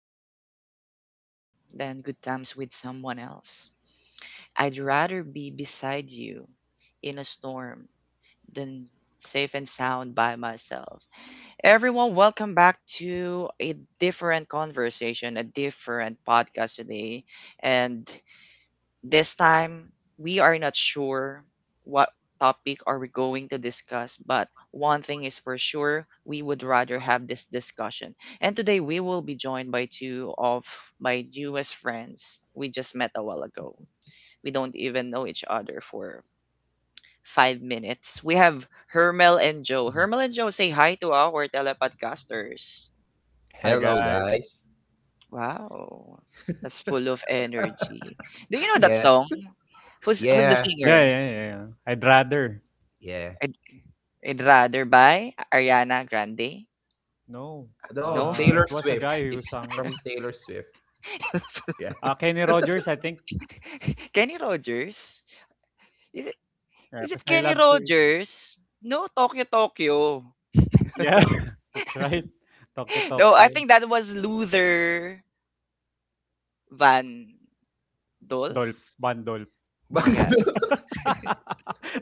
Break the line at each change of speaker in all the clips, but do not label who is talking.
bad times with you than good times with someone else. I'd rather be beside you in a storm than safe and sound by myself. Everyone, welcome back to a different conversation, a different podcast today. And this time, we are not sure what topic are we going to discuss, but one thing is for sure, we would rather have this discussion. And today we will be joined by two of my newest friends we just met a while ago. We don't even know each other for 5 minutes. We have Hermel and Joe.
Mhm.
Hermel and Joe, say hi to our telepodcasters.
Hi
Hello,
guys.
guys.
Wow. That's full of energy. Do you know that
Yeah,
song? Who's the
yeah,
singer?
Yeah, yeah, yeah, yeah. I'd rather.
yeah.
I'd, I'd rather by Ariana Grande.
No.
No?
No, Taylor
It was a
Swift.
guy who
It's
sang it.
from Taylor Swift. Yeah.
Kenny Rogers, I think.
Kenny Rogers? Is it, is
Because
it
I
Kenny
love to eat.
Rogers? No, Tokyo, Tokyo.
Yeah, that's right. Talkie
No, I
Tokyo.
think that was Luther Van Dolph.
Dolp. Bandolp.
But
Yeah.
no.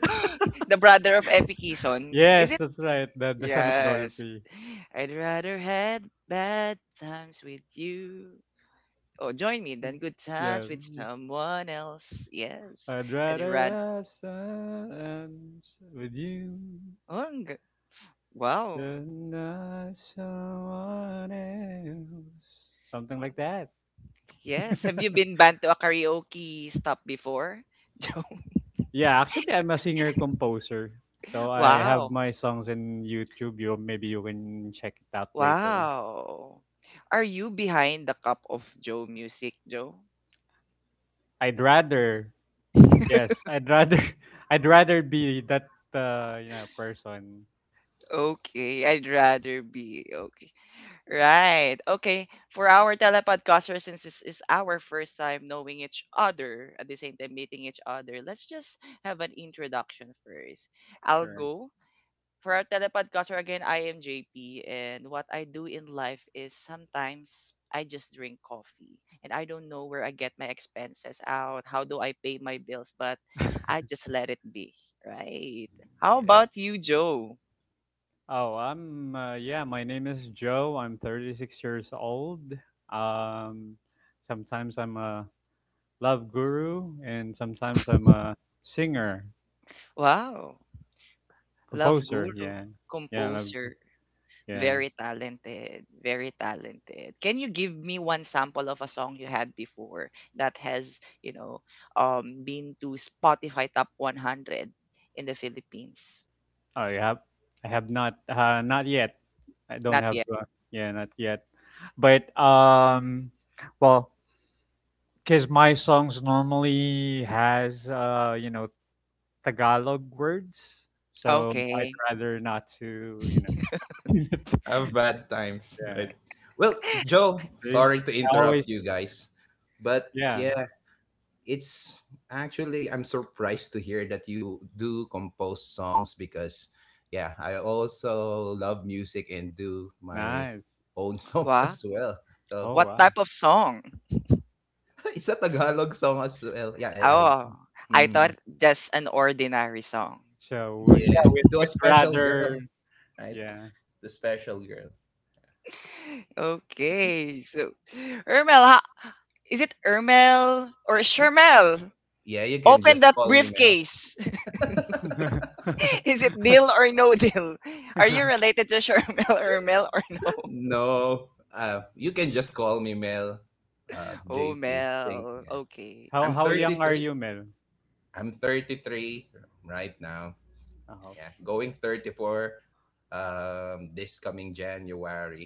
The brother of Epi Kison. Is
Yes,
it?
that's right. The son of
Yes.
Dolphy.
I'd rather had bad times with you. Oh, join me than good times
Yeah.
with someone else. Yes.
I'd
I'd
rather
rather.
have someone with you
Wow.
than not someone else. Something
Wow.
like that.
Yes. Have you been banned to a karaoke stop before? Joe?
Yeah, actually, I'm a singer composer, so I have
Wow.
my songs in YouTube. You maybe you can check it out later.
Wow. Are you behind the Cup of Joe music, Joe?
I'd rather, yes, I'd rather be that person.
Okay, I'd rather be. Okay. Right. Okay. For our telepodcaster, since this is our first time knowing each other, at the same time meeting each other, let's just have an introduction first. I'll
Sure.
go. For our telepodcaster again, I am JP, and what I do in life is sometimes I just drink coffee, and I don't know where I get my expenses out. How do I pay my bills? But I just let it be, right? How
Yeah,
about you, Joe?
Oh, I'm yeah, my name is Joe. I'm 36 years old. Um, Sometimes I'm a love guru, and sometimes I'm a singer,
Wow, love
composer.
guru,
Yeah. Yeah, love,
composer.
yeah.
Very talented, very talented. Can you give me one sample of a song you had before that has, been to Spotify Top 100 in the Philippines?
Oh, you have I have not, not yet. I don't
Not
have,
yet.
yeah, not yet. But well, cuz my songs normally has you know Tagalog words. So I'd
Okay.
rather not to,
I have bad times,
Yeah.
right? Well, Joe,
See?
sorry to
I always
interrupt you guys, but
Yeah,
yeah, it's actually I'm surprised to hear that you do compose songs because yeah, I also love music and do my
nice.
own songs
Wow.
as well. So
Oh,
What
wow.
type of song?
it's a Tagalog song as well. Yeah,
Oh, I
I,
thought just an ordinary song.
So
Yeah,
yeah, we'd,
to a
we'd
special
rather,
girl, right?
yeah.
The special girl.
Okay, so Ermel, is it Ermel or
You,
Shermel?
yeah, you can
Open
just
that
call me Mel.
briefcase. Is it deal or no deal? Are you related to Charmel or Mel or no?
No, you can just call me Mel.
Oh,
JP. Think.
Mel.
Yeah,
Okay.
how
I'm
how
So
young
it's,
are
33.
you, Mel?
I'm 33 right now.
Oh,
Yeah, going 34. This coming January.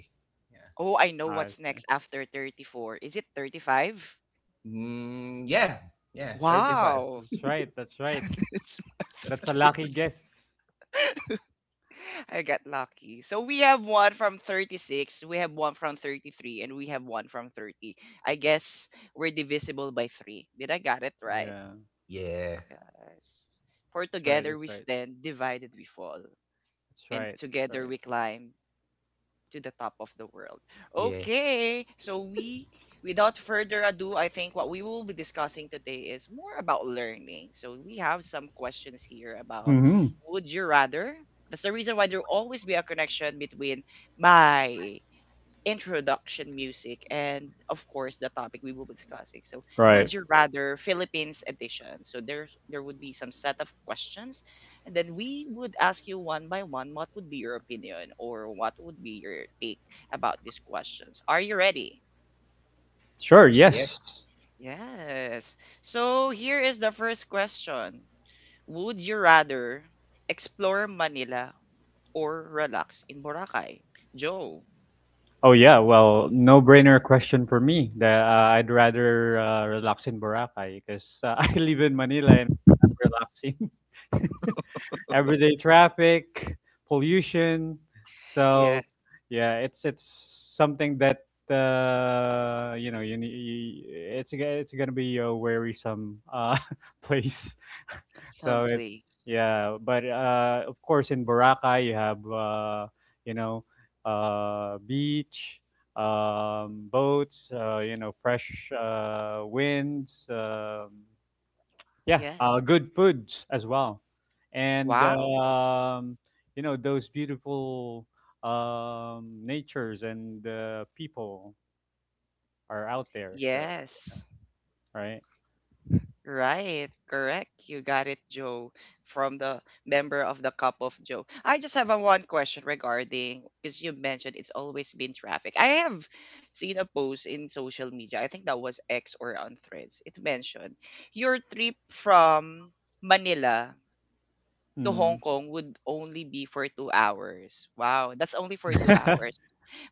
Yeah.
oh, I know
I
what's next
see.
after 34. Is it 35?
Mm, yeah. Yeah. 35.
Wow.
That's right. That's right.
It's math
That's a lucky guess.
skills. I got lucky. So we have one from 36, we have one from 33, and we have one from 30. I guess we're divisible by 3. Did I got it right?
Yeah.
Yeah.
Yes. For
That's right.
together
That's
we
right.
stand, divided we fall.
That's
And
right. That's
together
right.
we climb to the top of the world.
Yeah.
Okay, so we, without further ado, I think what we will be discussing today is more about learning. So we have some questions here about
Mm-hmm.
would you rather? That's the reason why there will always be a connection between my introduction music and of course the topic we will be discussing. So
Right.
would you rather, Philippines edition. So there would be some set of questions, and then we would ask you one by one what would be your opinion or what would be your take about these questions. Are you ready?
Sure. Yes.
Yes.
Yes. So here is the first question. Would you rather explore Manila or relax in Boracay, Joe?
Oh yeah. Well, no-brainer question for me. That, I'd rather, relax in Boracay because I live in Manila and I'm relaxing. Everyday traffic, pollution.
Yes.
So yeah, it's something that you, you it's gonna be a wearisome place.
Some.
so it Yeah, but of course in Boracay you have, you know beach. Boats, fresh winds, yeah,
Yes.
good foods as well, and
Wow.
those beautiful, natures and people are out there. So
Yes,
right.
right, correct. You got it, Joe, from the member of the Cup of Joe. I just have a one question regarding because you mentioned it's always been traffic. I have seen a post in social media. I think that was X or on Threads. It mentioned your trip from Manila to Hong
Mm.
Kong would only be for 2 hours. Wow, that's only for two hours.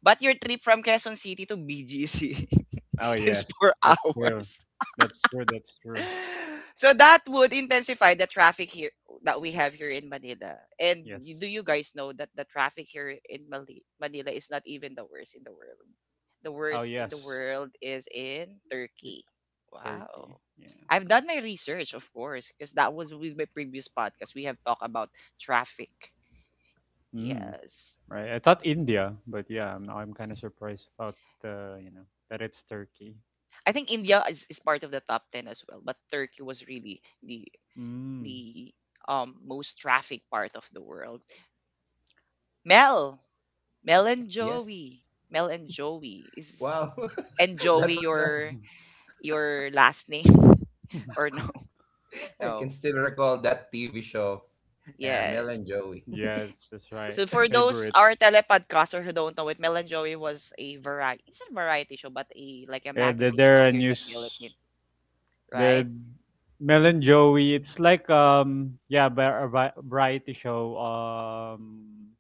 But your trip from Quezon City to BGC
Oh yes,
is four
that's true.
hours.
That's true. That's true.
So that would intensify the traffic here that we have here in Manila. And
Yes.
you, do you guys know that the traffic here in Manila is not even the worst in the world? The
Oh
worst
yes,
in the world is in
it,
Turkey.
Turkey.
Wow.
Yeah.
I've done my research, of course, because that was with my previous podcast. We have talked about traffic.
Mm,
Yes.
right. I thought India, but yeah, I'm kind of surprised about, uh, you know that it's Turkey.
I think India is part of the top 10 as well, but Turkey was really the
Mm.
the um most traffic part of the world. Mel, Mel and
Yes.
Joey. Mel and Joey. Is
Wow.
and
that
Joey
was the
your last name or no?
I can
No.
still recall that TV show, yeah, Mel
Yes.
and Joey.
Yes, that's right.
So for those
Favorite.
our telepodcaster who don't know it, Mel and Joey was a variety it's a variety show, but a like a
Yeah, they're,
magazine
they're
show
a
here in the
news.
Philippines, right?
The Mel and Joey. It's like yeah, variety show.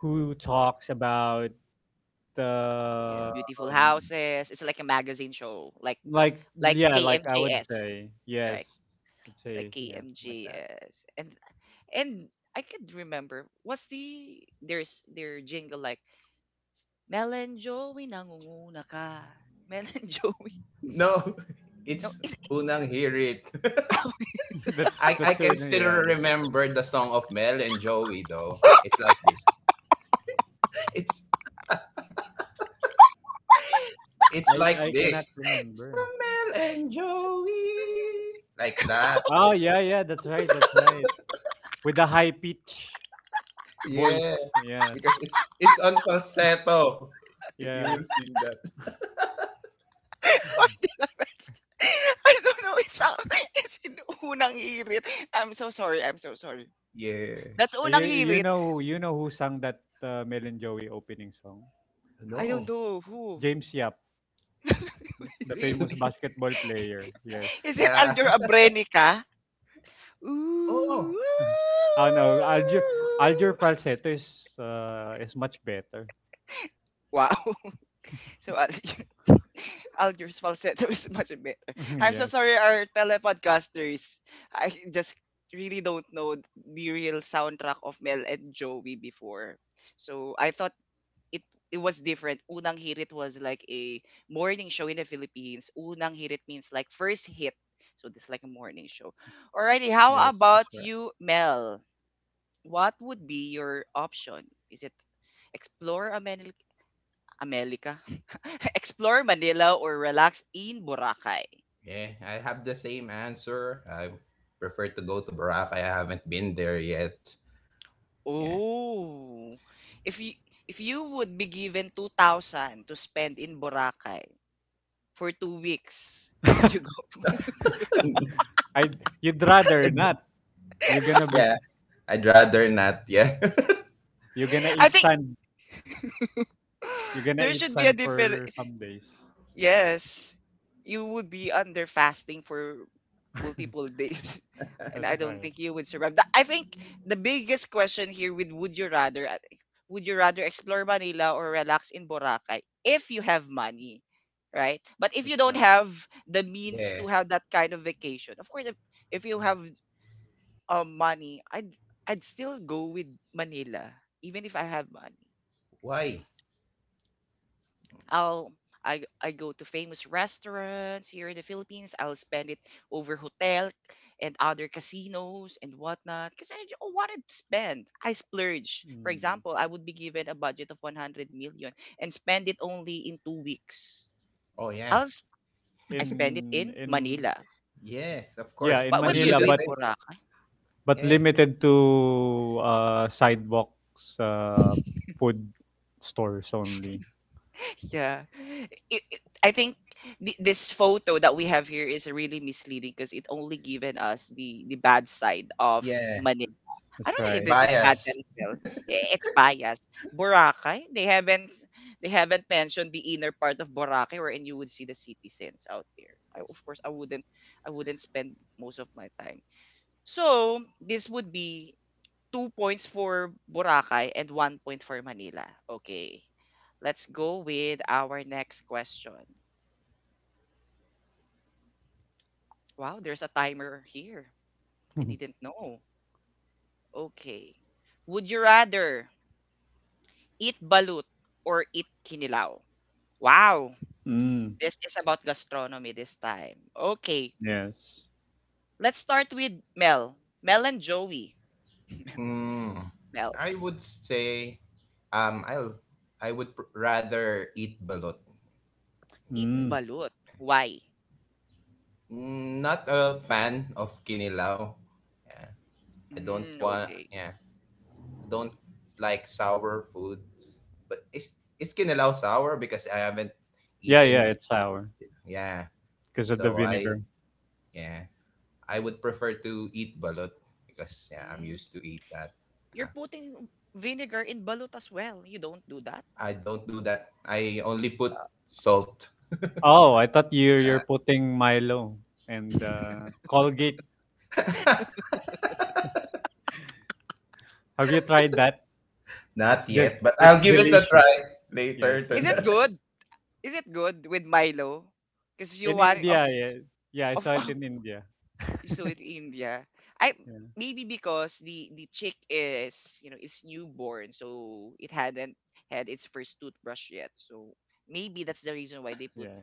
Who talks about,
Yeah.
uh,
Beautiful
um,
houses. It's like a magazine show. Like
like
like
yeah, like I would
KMJS,
say yes.
right?
would
Like
say Yeah, like that.
KMJS, and I could remember what's the there's their jingle, like Mel and Joey nangunguna ka. Mel and Joey,
No,
no.
it's
Is
Unang Hear It.
that's
I
that's so
can still
yeah. That,
remember the song of Mel and Joey though. It's like this. It's it's like
I cannot
this.
remember.
Some Mel and Joey. Like that.
Oh yeah, yeah. That's right. That's right. With the high pitch
Yeah.
voice. Yes.
Because it's on falsetto. If you
Yeah.
will sing that.
why did I mention, I don't know, it's a it's in unang hirit. I'm so sorry, I'm so sorry.
Yeah.
That's unang
You
hirit.
you know who sang that, Mel and Joey opening song?
I don't
No.
know who.
James Yap, the
Really?
famous basketball player. Yes.
Is it
Yeah.
Aljur Abrenica?
Oh,
Ooh.
Oh no, Alger falsetto is, much better.
Wow. So Al- Alger's falsetto is much better. I'm so
Yes,
sorry, our telepodcasters. I just really don't know the real soundtrack of Mel and Joey before. So I thought it it was different. Unang Hirit was like a morning show in the Philippines. Unang Hirit means like first hit. So this is like a morning show. Alrighty, how
yes, that's
about
right.
you, Mel? What would be your option? Is it explore America? Explore Manila or relax in Boracay?
yeah, I have the same answer. I prefer to go to Boracay. I haven't been there yet. Yeah.
Oh. If you if you would be given 2,000 to spend in Boracay for 2 weeks, would you go?
I You'd rather not. You're gonna be
Yeah, I'd rather not. Yeah.
you're gonna
I
eat
think
sand. You're gonna
there
eat
should be a
sand
different
for some days.
yes. You would be under fasting for multiple days. And I
That's
don't
right.
think you would survive. I think the biggest question here with would you rather explore Manila or relax in Boracay if you have money, right? But if you
That's
don't
right.
have the means to
Yeah.
have that kind of vacation, of course, if you have money, I'd still go with Manila even if I have money.
Why?
I'll I go to famous restaurants here in the Philippines. I'll spend it over hotel and other casinos and whatnot because I wanted to spend. I splurge. For
Mm.
example, I would be given a budget of 100 million and spend it only in 2 weeks.
Oh, yeah.
I'll s- I spend it
In
in
in
Manila.
Yes, of
yeah
course.
in
What will
I'll
you
do
Manila,
do
the
in
but.
same.
Boracay?
Yeah.
Limited to sidewalks, food stores only.
Yeah, I think this photo that we have here is really misleading because it only given us the bad side of,
Yeah.
I
That's
don't know
It's
if
right.
this is
bias.
Padsonville. It's biased. Boracay, they haven't mentioned the inner part of Boracay wherein you would see the citizens out there. I, of course, I wouldn't spend most of my time. So this would be 2 points for Boracay and one point for Manila. Okay, let's go with our next question. Wow, there's a timer here. I didn't know. Okay, would you rather eat balut or eat kinilaw? Wow,
Mm,
this is about gastronomy this time. Okay,
yes.
let's start with Mel. Mel and Joey.
Mm.
Mel,
I would say um I'll I would rather eat balot
eat
instead.
Mm.
balut.
Yeah.
Why?
Not a fan of kinilaw. Yeah. I don't
Mm,
want.
okay.
Yeah. Don't like sour foods, but it's can allow sour because I haven't
Yeah, yeah,
eaten.
it's sour
Yeah,
because of the
so
vinegar.
yeah I would prefer to eat balut because yeah I'm
Mm,
used to eat that.
you're
Uh,
putting vinegar in balut as well. You don't do that.
I don't do that. I only put salt.
Oh, I thought
Uh,
you're putting Milo and, Colgate. Have you tried that? It's
Not
del
yet, but I'll
it's
give it a
delicious.
try
Yeah,
later
it's
Is it
tonight.
delicious.
good? Is it good with Milo? Because you
In
want of
India, yeah, yeah, I saw
of
it in India.
So with India, I
Yeah,
maybe because the chick is you know is newborn, so it hadn't had its first toothbrush yet. So maybe that's the reason why they put
yeah,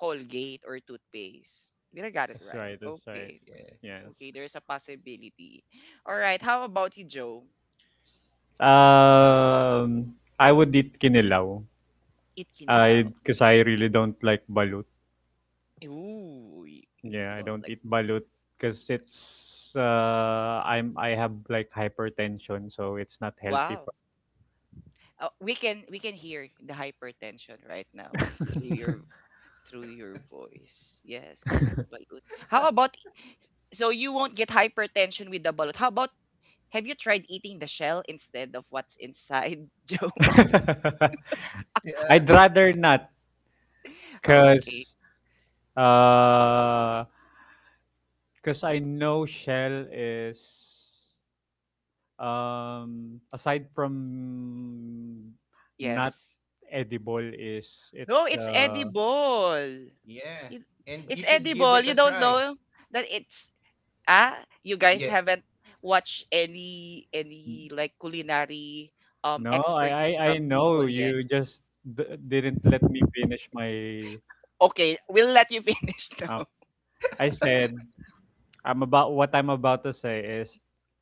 Colgate or toothpaste. Did I got it
that's
right?
right, that's right.
Okay,
Yeah,
Yes.
okay. There's a possibility. All right. How about you, Joe?
Um, I would eat kinilaw. I
Itkinilao.
Because I really don't like balut.
Ooh, you,
Yeah,
you
I
don't
don't
like.
eat balut because it's I'm I have like hypertension, so it's not healthy
Wow.
for.
We can hear the hypertension right now through your through your voice. Yes, balut. How about, so you won't get hypertension with the balut? How about, have you tried eating the shell instead of what's inside, Joe?
yeah,
I'd rather not,
Okay.
cause cause I know shell is, aside from not
Yes.
edible is
No,
it's
it's edible.
yeah.
It-
And you
It's
should give
edible.
it
You
a
don't
try.
know that it's ah. You guys
Yeah,
haven't watched any like culinary
No,
expertise
I
from people
know
yet.
you just didn't let me finish my.
Okay, we'll let you finish
Uh,
now.
I said I'm about what I'm about to say is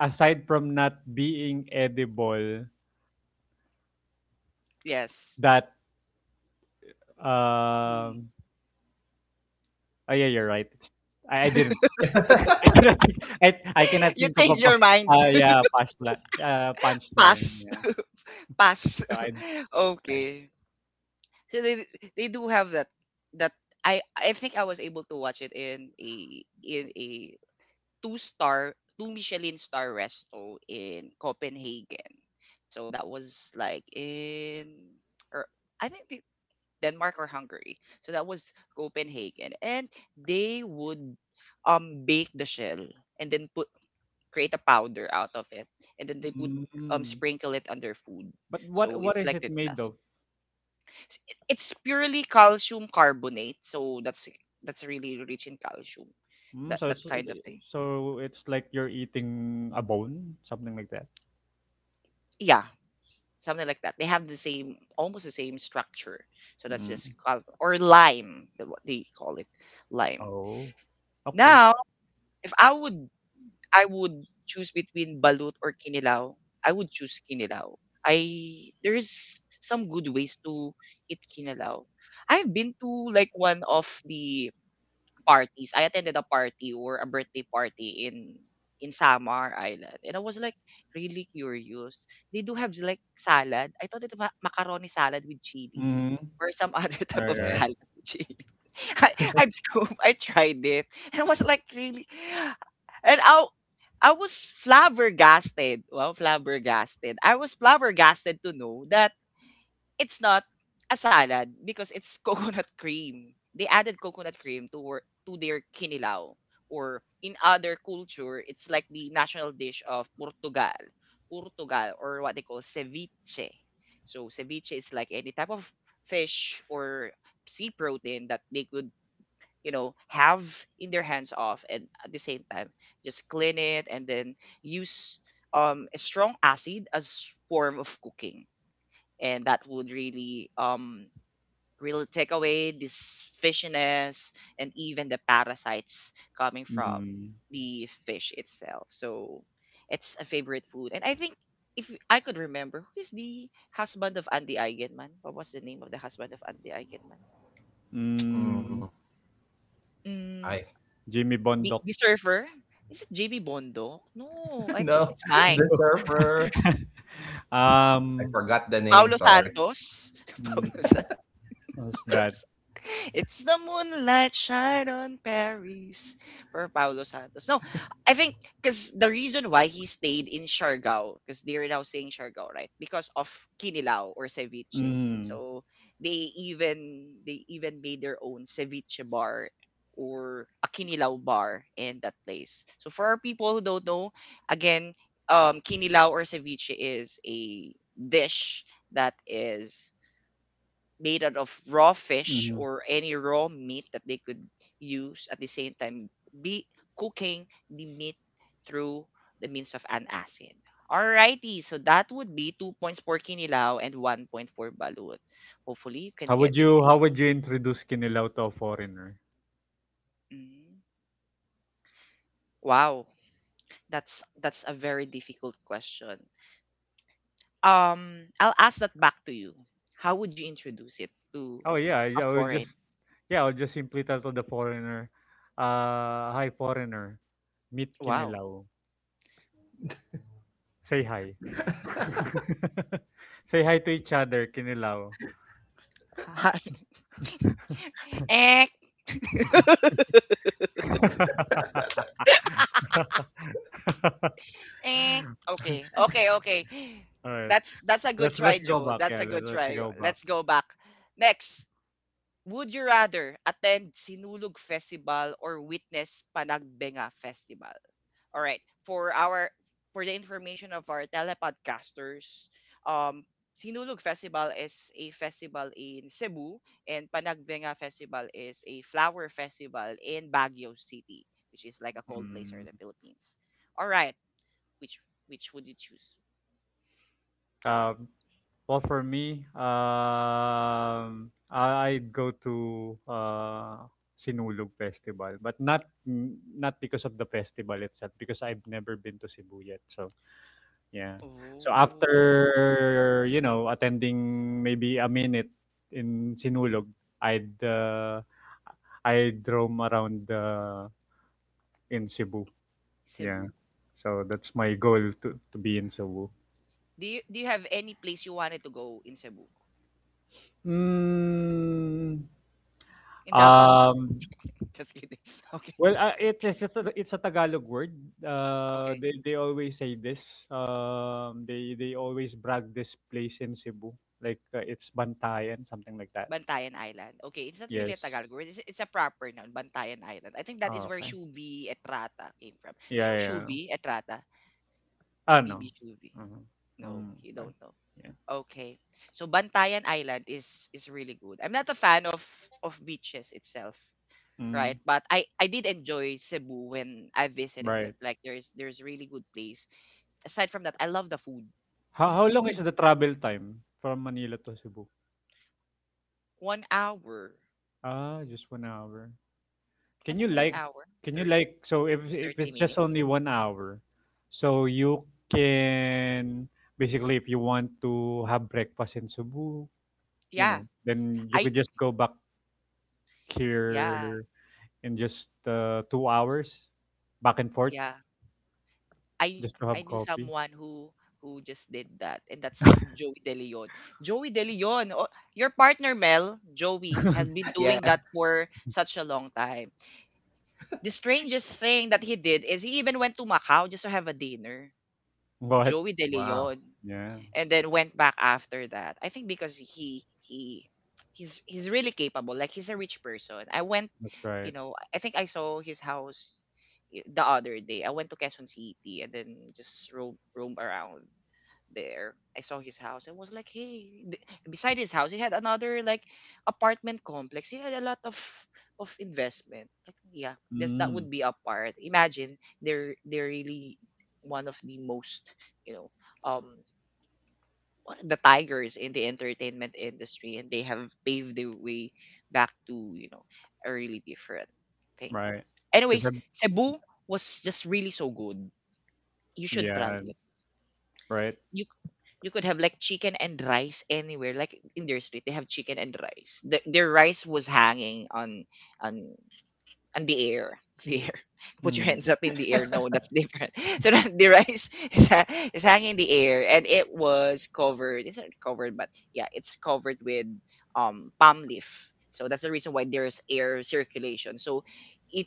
aside from not being edible,
Yes.
that
Hmm.
um. Oh yeah, you're right. I didn't. I cannot think. I cannot
You
think of a
change your mind.
yeah punchline. Punchline.
Pass.
Yeah.
Pass.
So I.
Okay. So they do have that that I think I was able to watch it in a two star two Michelin star resto in Copenhagen. So that was like in, or I think Denmark or Hungary. So that was Copenhagen and they would bake the shell and then put create a powder out of it, and then they would
Mm,
sprinkle it on their food.
but
So
what
it's
is
like
it
it
made
dust.
of?
It's purely calcium carbonate, so that's really rich in calcium. That
Mm,
that kind of thing.
so it's like you're eating a bone, something like that.
Yeah, something like that. They have almost the same structure. So that's
Mm.
just or lime, what they call it, lime.
Oh, okay.
Now, if I would choose between balut or kinilaw, I would choose kinilaw. I There's some good ways to eat kinilaw. I've been to like one of the parties. I attended a party or a birthday party in Samar Island, and I was like really curious. They do have like salad. I thought it was macaroni salad with chili
Mm.
or some other type
All
of
right, all
yeah.
right.
salad with chili. I, I'm scoop. I tried it, and I was like really, and I was flabbergasted. Well, flabbergasted. I was flabbergasted to know that it's not a salad because it's coconut cream. They added coconut cream to to their kinilaw, or in other culture it's like the national dish of Portugal. Portugal, or what they call ceviche. So ceviche is like any type of fish or sea protein that they could, have in their hands off, and at the same time just clean it and then use a strong acid as form of cooking, and that would really really take away this fishiness and even the parasites coming from
Mm.
the fish itself. So it's a favorite food, and I think if I could remember, who is the husband of Andy Eigenman? What was the name of the husband of Andy Eigenman?
Mm.
Mm,
Mm,
I
Jimmy Bondok.
the surfer? Is it JB Bondo? No, I think
no,
it's Mike.
the surfer. I
um,
forgot the name.
Paulo
Sorry.
Santos. Paulo
mm, what's that?
Paulos. It's the moonlight shine on Paris for Paulo Santos. No, I think because the reason why he stayed in Siargao, because they're now saying Siargao, right? Because of Kinilaw or ceviche.
Mm.
So they even made their own ceviche bar or a Kinilaw bar in that place. So for our people who don't know, again, Kinilaw or ceviche is a dish that is made out of raw fish
Mm.
or any raw meat that they could use, at the same time be cooking the meat through the means of an acid. Alrighty, so that would be 2 points for Kinilaw and 1 point for Balut. Hopefully you can get it.
How would you introduce Kinilaw to a foreigner?
Mm. Wow, that's a very difficult question. I'll ask that back to you. How would you introduce it to
Oh yeah,
a foreign?
I would just simply tell to the foreigner, hi foreigner, meet
Wow.
Kinilaw. Say hi. Say hi to each other, kinilaw.
Ek. Ek. Okay. Okay.
Alright.
That's a good
Let's
try,
let's go
Joel.
back.
That's
Yeah,
a good
let's
try.
go back.
Let's go back. Next, would you rather attend Sinulog Festival or witness Panagbenga Festival? All right. For the information of our telepodcasters, um Sinulog Festival is a festival in Cebu and Panagbenga Festival is a flower festival in Baguio City, which is like a cold place here in
Mm,
the Philippines. All right. Which which would you choose?
um, well, for me, I'd go to, Sinulog Festival, but not because of the festival itself, because I've never been to Cebu yet. So yeah. So
Oh,
after, you know, attending maybe a minute in Sinulog, I'd uh, I'd roam around, in Cebu. Yeah.
Cebu.
So that's my goal, to be in Cebu.
Do you have any place you wanted to go in Cebu?
Mm,
In Davao.
um
Just kidding. Okay.
well, it, it's a Tagalog word. Uh
Okay.
they, they always say this. They always brag this place in Cebu, like, it's Bantayan something like that.
Bantayan Island. Okay, it's not really
Yes.
a Tagalog word. It's a proper noun, Bantayan Island. I think that is
Oh,
where
okay.
Shubi Etrata came from. Do you
Yeah,
know
yeah, yeah.
Shubi Etrata?
Ah, no.
PBB Shubi.
Mhm.
No,
Mm,
you
okay.
don't know.
Yeah.
Okay. So Bantayan Island is really good. I'm not a fan of beaches itself,
Mm,
right? But I did enjoy Cebu when I visited it.
right.
Like there's really good place. Aside from that, I love the food.
How
You know,
how
you
long is
would
the travel time from Manila to Cebu?
1 hour.
Ah, just 1 hour.
I
Can you
think one
like
hour,
can you
Thirty
like, if
thirty
it's just
minutes.
only 1 hour, so you can basically, if you want to have breakfast in Cebu,
Yeah.
then you
I
could just go back
Yeah,
here in just, 2 hours, back and forth,
yeah. I
just to
I
have
knew
coffee.
someone who just did that, and that's Joey De Leon. Joey De Leon, oh, your partner Mel, Joey, has been doing
Yeah.
that for such a long time. The strangest thing that he did is he even went to Macau just to have a dinner.
What?
Joey De
Wow.
Leon,
Yeah,
and then went back after that. I think because he he's really capable. Like he's a rich person. I went,
that's
you
right.
know, I think I saw his house the other day. I went to Quezon City and then just roam around there. I saw his house. I was like, hey, th- beside his house, he had another like apartment complex. He had a lot of investment. Like, yeah, that's that
Mm,
would be a part. Imagine they're really one of the most, you know, um the tigers in the entertainment industry, and they have paved the way back to, you know, a really different thing.
right. Because
Anyways,
I'm,
Cebu was just really so good, you should
yeah,
try it.
right.
You could have like chicken and rice anywhere. Like in their street they have chicken and rice, their rice was hanging on on and the air. The air. Put your
Mm,
hands up in the air. No, that's different. So that the rice is hanging in the air, and it was covered. It's not covered, but yeah, it's covered with palm leaf. So that's the reason why there's air circulation. So it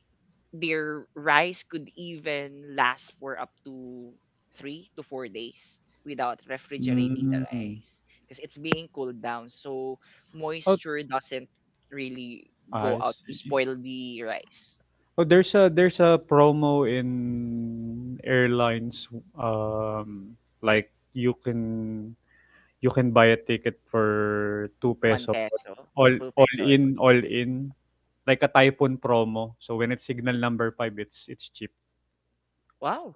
their rice could even last for up to 3 to 4 days without refrigerating the
mm.
rice because it's being cooled down. So
Oh,
moisture doesn't really go
I
out to
see.
spoil the rice.
Oh, there's a promo in airlines. Um, like you can you can buy a ticket for two
One
peso.
peso or two peso.
All in, like a typhoon promo. So when it's signal number 5, it's cheap.
Wow.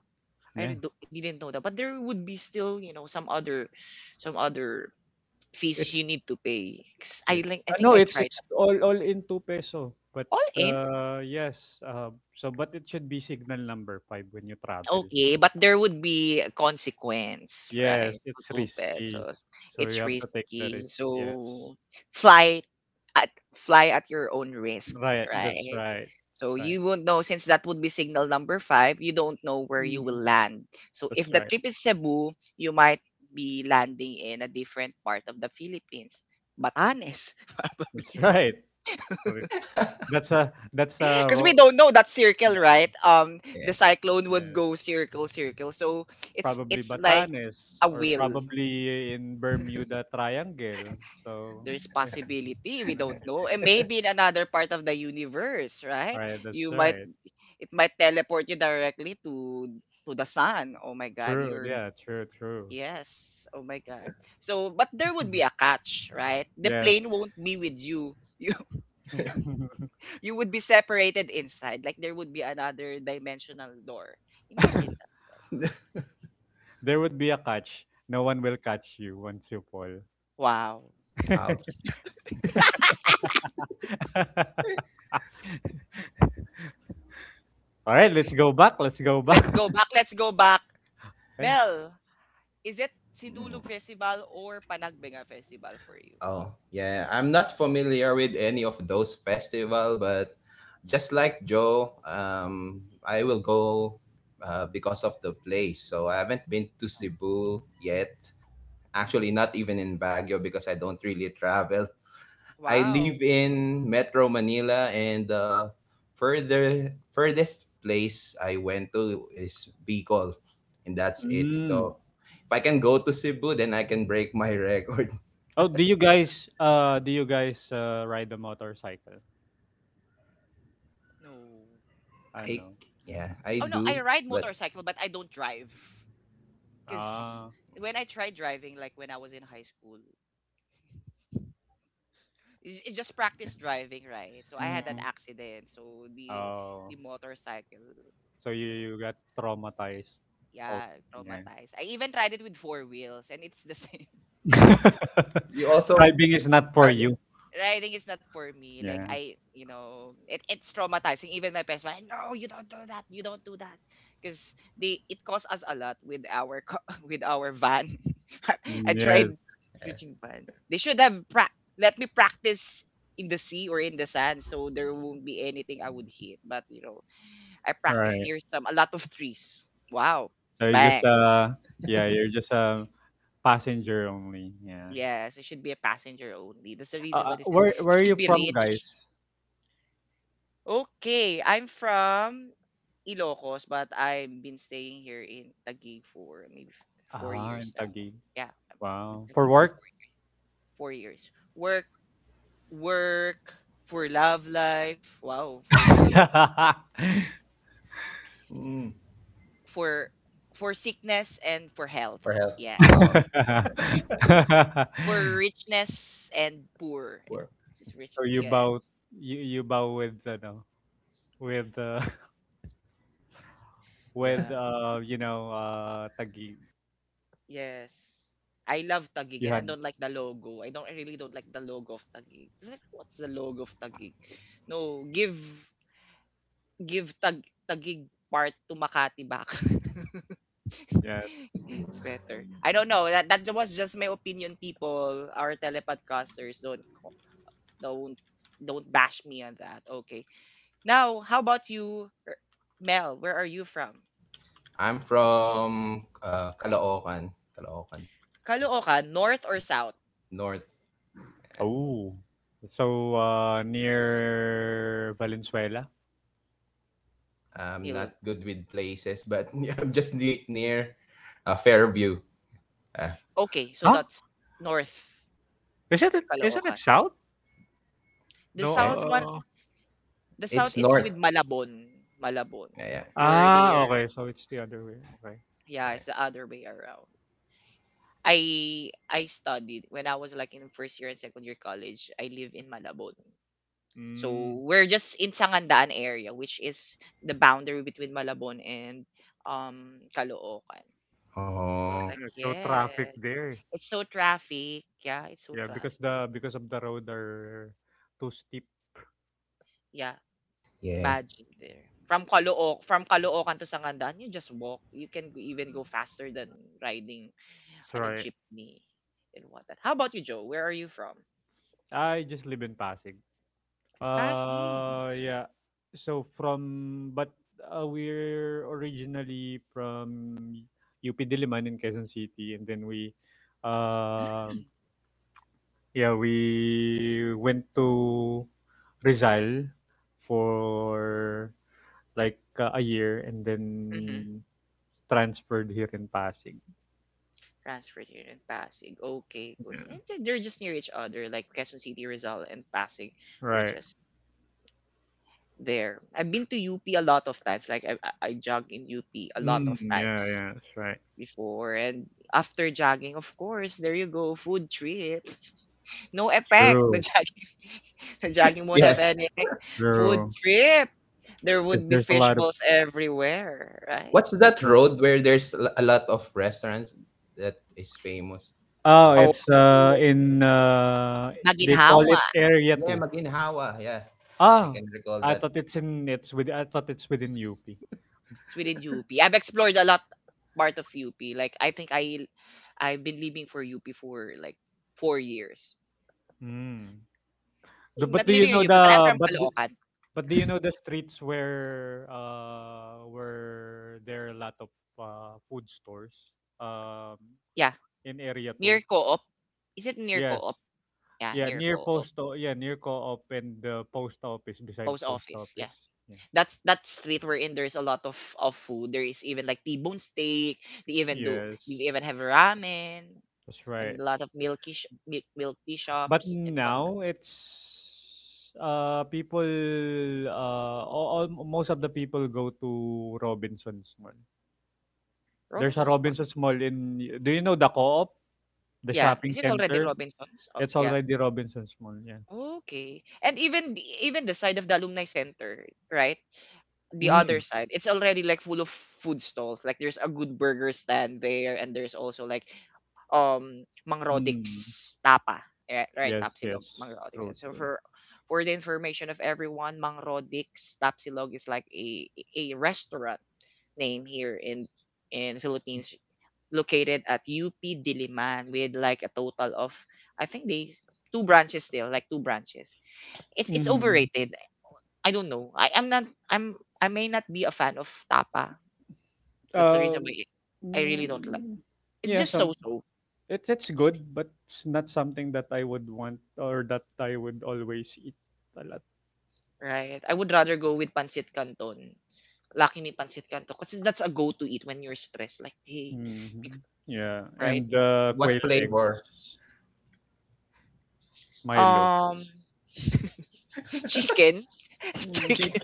Yeah,
didn't know that. But there would be still, you know, some other fees you
it's.
need to pay. 'Cause
Yeah.
I
Ah,
think
no,
I
it's
tried that.
all in 2 peso. But,
All in?
yes, so but it should be signal number 5 when you travel.
Okay, but there would be a consequence, right?
Yes,
For
it's
2
risky.
pesos.
So you
It's
have to take the
risky.
risk, yes.
So fly at fly at your own risk,
Right, that's
right?
right, that's
So
right.
you won't know, since that would be signal number 5, you don't know where you will
Mm.
land. So if
That's
the
right,
trip is Cebu, you might be landing in a different part of the Philippines. Batanes.
that's right. Correct. That's a
Because we
ro
don't know that
yeah,
circle, right? The
Yeah.
cyclone would
yeah.
go circle, circle. So
Probably
it's like
Batanes,
a
or
will.
probably in Bermuda Triangle. So,
There's
eh,
possibility we
yeah,
don't know, and maybe in another part of the universe, right?
right, that's
You might
right.
it might teleport you directly to the sun. Oh my God,
True.
you're
Yeah, true, true.
yes. Oh my God. So, but there would be a catch, right? The
Yes.
plane won't be with you. You would be separated inside. Like there would be another dimensional door. Imagine that.
There would be a catch. No one will catch you once you fall.
Wow.
Ouch.
All right, let's go back. Let's go back.
Let's go back.
Okay.
Mel, is it
Mm.
Sindulog Festival or Panagbenga Festival for you?
Oh, yeah. I'm not familiar with any of those festival, but just like Joe, I will go because of the place. So I haven't been to Cebu yet. Actually, not even in Baguio because I don't really travel. I live
Wow.
in Metro Manila, and the further furthest place I went to is Bicol, and that's it.
Mm.
So if I can go to Cebu, then I can break my record.
Oh, do you guys ride the motorcycle?
No.
I
I
know.
yeah, I
Oh no, I
do.
ride
But
motorcycle but I don't drive. Cause
Ah.
when I tried driving, like when I was in high school, it's just practice driving, right? So I had an
Mm.
accident. So
Oh.
the motorcycle,
So
you know,
you got traumatized. Oh,
yeah,
yeah.
traumatized. I even tried it with four wheels, and it's the same.
you also
Driving is not for
ask
you.
Riding is not for me. Like
Yeah.
I, you know, it's traumatizing. Even my parents were like, no, you don't do that. Because they it cost us a lot with our co- with our van. I
Mm, yes.
tried reaching van. They should have pra- let me practice in the sea or in the sand, so there won't be anything I would hit. But you know, I
All
practice
right.
near some a lot of trees. Wow,
So you just,
bang.
yeah, you're just a passenger only. Yeah.
Yes, it should be a passenger only. That's the reason why they said
Where
you
are you
should be
from,
rich.
guys?
Okay, I'm from Ilocos, but I've been staying here in Taguig for maybe f- four
Ah, in
years now.
Taguig.
Yeah, I'm in
Wow. For
Taguig for
work?
4 years. Work, work for love life. Wow, for love,
mm,
for for sickness and for health.
for help.
Yes,
Uh,
for richness and poor.
for,
This is rich.
so you
Yes.
bow you bow with, ano with with
Yeah.
you know Taguig.
Yes. I love Taguig
You
and I
had
don't like the logo. I really don't like the logo of Taguig. Like, what's the logo of Taguig? No, give give tag Tagig part to Makati back.
Yeah.
It's better. I don't know. That was just my opinion, people. Our telepodcasters don't co- don't don't bash me on that. Okay. Now, how about you, Mel? Where are you from?
I'm from Caloocan
Caloocan, north or south?
North. Yeah.
Oh. So, near Valenzuela?
I'm
Nil-
not good with places, but I'm just near Fairview. Uh,
Okay, so
Huh?
that's north
Isn't it
Caloocan.
south?
The
No.
south one, the
It's
south is
north.
with Malabon. Malabon,
Yeah, yeah,
where
Ah,
they're
okay. So it's the other way. Okay.
yeah,
yeah.
it's the other way around. I studied when I was like in first year and second year college. I live in Malabon. So
Mm.
we're just in Sangandaan area, which is the boundary between Malabon and Caloocan. Was
Oh,
like,
Yeah, so
yeah,
traffic there.
it's so traffic. Yeah, it's so
Yeah, because
traffic.
the because of the road are too steep.
Yeah,
yeah.
imagine there. From Caloocan to Sangandaan, you just walk. You can go- even go faster than riding on a
Sorry.
jeepney and whatnot. How about you, Joe? Where are you from?
I just live in Pasig.
Pasig.
Yeah. So from but, we're originally from UP Diliman in Quezon City, and then we, um yeah, we went to Rizal for like, a year, and then transferred here in Pasig.
Transferred here in Pasig. Okay, good. And
Yeah,
then they're just near each other, like Quezon City, Rizal, and Pasig. Were
right.
just there. I've been to UP a lot of times. Like I I jog in UP a lot of
Mm, yeah,
times
yeah, that's right.
before, and after jogging, of course, there you go, food trip. No effect. The
True,
jogging, the jogging won't have
Yeah.
any effect. Food
true.
trip. There
Because
would be
there's a
fish
lot of.
balls everywhere, right?
What's that road where there's a lot of restaurants that is famous
Oh,
Oh,
along?
it's, in they call it
maginhawa.
Area
Yeah,
Two.
Maginhawa. Yeah, I
Ah,
can recall that.
I thought it's within UP.
It's within UP. I've explored a lot part of UP. Like I think I've been living for UP for like 4 years.
Mm. Do- but
Not
do you
living in
know
UP, but I'm
the
from
but do-
Caloocan.
but do you know the streets where, where there are a lot of, food stores, um
Yeah,
in area
near
2?
Co-op. Is it near
Yes.
Co-op? Yeah,
Yeah,
near Co-op
yeah, near co-op and the post office, beside
post
post
office. Yeah,
office. Yeah.
that's that street wherein there's a lot of food. There is even like T-bone steak. They even do.
Yes.
They even have ramen
That's right.
and a lot of milky sh- milk milk tea
But
shops and whatnot.
now it's, uh people uh most of the people go to Robinson's Mall. There's a
Robinsons, what?
Robinson's Mall in, do you know the co-op, the
Yeah,
shopping
is it already
center?
Robinsons? Oh,
It's
yeah,
already Robinson's Mall, yeah.
okay. And even even the side of the alumni center, right? The
Mm,
other side, it's already like full of food stalls. Like there's a good burger stand there and there's also like Mang Rodix
mm.
Tapa. Yeah, right,
Yes, yes.
Tapsilog, Mang Rodix.
True,
And so
true.
for the information of everyone, Mang Rodix Tapsilog is like a restaurant name here in Philippines, located at UP Diliman with like a total of I think they two branches still, like two branches. It's
Mm.
overrated. I don't know. I am not. I'm. I may not be a fan of tapa. That's the reason
Um
why I really don't like.
mm,
It's
Yes,
just so so,
it's good, but it's not something that I would want, or that I would always eat a lot.
right? I would rather go with pancit canton. Lucky me pancit canton, cause that's a go to eat when you're stressed. Like hey, bec-
Mhm. Yeah,
right?
and, quail
What
eggs,
flavor?
Milo,
Um, chicken,
mm,
Cheap.
chicken.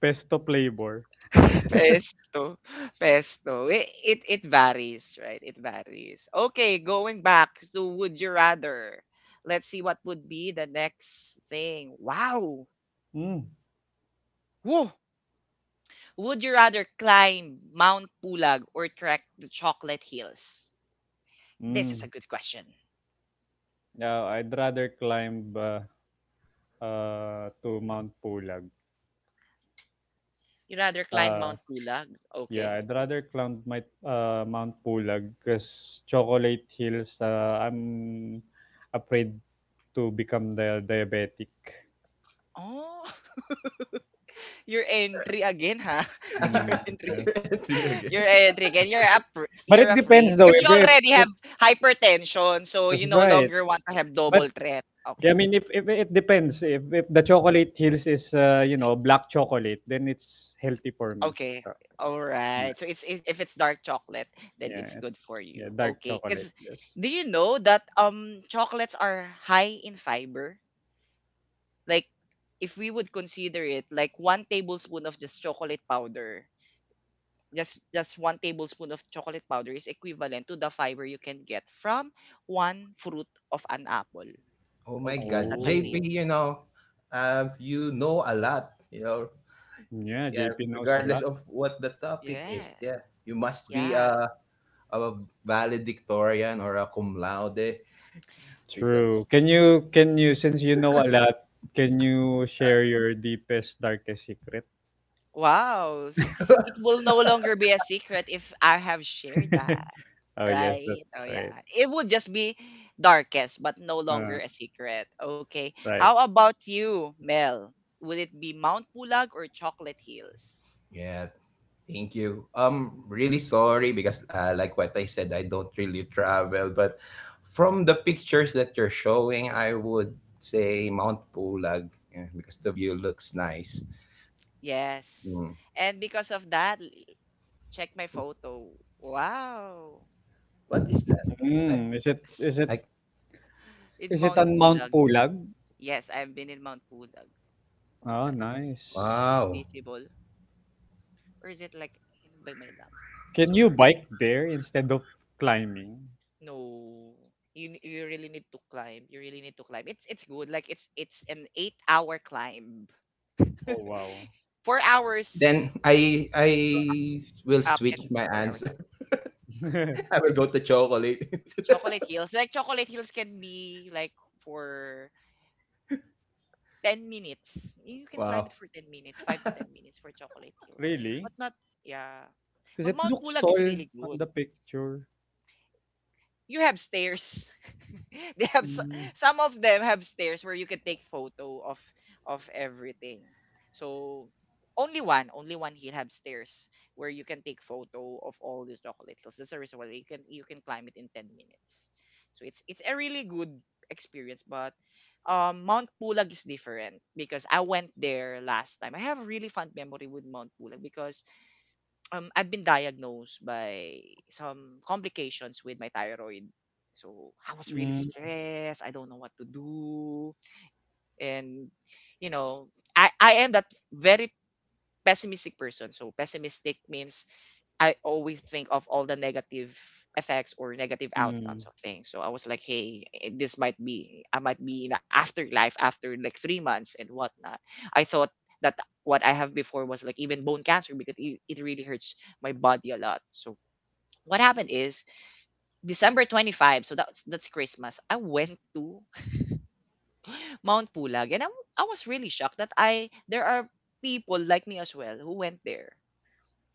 pesto flavor.
Pesto, pesto. It varies, right? It varies. Okay, going back to would you rather. Let's see what would be the next thing. Wow.
Mm.
Woo. Would you rather climb Mount Pulag or trek the Chocolate Hills? This is
Mm.
a good question.
Yeah, I'd rather climb, to Mount Pulag.
You rather climb
Uh,
Mount Pulag?
yeah,
Okay.
I'd rather climb my Mount Pulag because chocolate hills. I'm afraid to become the diabetic.
Oh, your entry again, huh? Your
Mm,
entry.
Your
yes.
entry again.
You're Enrique and you're up.
But
You're
it
afraid
depends though,
because you
if if
already
if
have hypertension, so you
that's
no
right.
longer want to have
But
double threat.
I
Okay.
mean, if it depends, if the chocolate hills is, black chocolate, then it's healthy for me.
Okay.
So
All
yeah,
right. So if it's dark chocolate, then it's
yeah, it-
good for
yeah,
you.
dark
Okay.
chocolate.
Because
Yes.
do you know that chocolates are high in fiber? Like if we would consider it like 1 tablespoon of just chocolate powder, just 1 tablespoon of chocolate powder is equivalent to the fiber you can get from one fruit of an apple.
Oh my
Okay, so
God,
that's a
Oh,
tip.
JP. You know a lot. You know,
yeah.
Yeah.
JP knows a
Regardless
lot.
of what the topic is,
Yeah.
yeah, you must be
Yeah.
a valedictorian or a cum laude
True.
because
Can you, since you know a lot, can you share your deepest darkest secret?
Wow. It will no longer be a secret if I have shared that,
Oh yes, that's
right? Oh
right.
yeah. It would just be darkest, but no
Uh,
longer a secret. Okay.
right.
How about you, Mel? Would it be Mount Pulag or Chocolate Hills?
yeah, Thank you. Really sorry because, like what I said, I don't really travel. But from the pictures that you're showing, I would say Mount Pulag yeah, because the view looks nice.
Yes.
Mm.
And because of that, check my photo. Wow.
What is that? I
Mm,
like
In
is it
Mount
on Mount
Pulag.
Pulag?
Yes, I've been in Mount Pulag. Look at
Oh,
that.
nice.
Is it
wow.
visible, or is it like hidden by my lamp?
Can you
So
bike there instead of climbing?
no, you really need to climb. You really need to climb. It's good. Like it's an 8 hour climb,
Oh, wow.
four
Then
hours
I
So
I will
up and
switch my
4 hours
answer.
down.
I will go to chocolate.
Chocolate hills like chocolate hills can be like for 10 minutes. You can climb
Wow.
it for 10 minutes, 5 to 10 minutes for chocolate hills,
really?
but not yeah.
'Cause
But
it
Mount
looks
Pulag is
tall
really
on the
good.
picture.
You have stairs. they have s-
Mm,
some of them have stairs where you can take photo of everything. So only one here have stairs where you can take photo of all these chocolate hills. That's the reason why you can climb it in 10 minutes. So it's a really good experience, but Mount Pulag is different because I went there last time. I have a really fun memory with Mount Pulag because I've been diagnosed by some complications with my thyroid. So I was really
mm,
stressed. I don't know what to do. And, you know, I am that very pessimistic person. So pessimistic means I always think of all the negative effects or negative
mm.
outcomes of things. So I was like, hey, I might be in the afterlife after like 3 months and whatnot. I thought that what I have before was like even bone cancer because it really hurts my body a lot. So what happened is December 25, so that's Christmas. I went to Mount Pulag and I was really shocked that I there are people like me as well who went there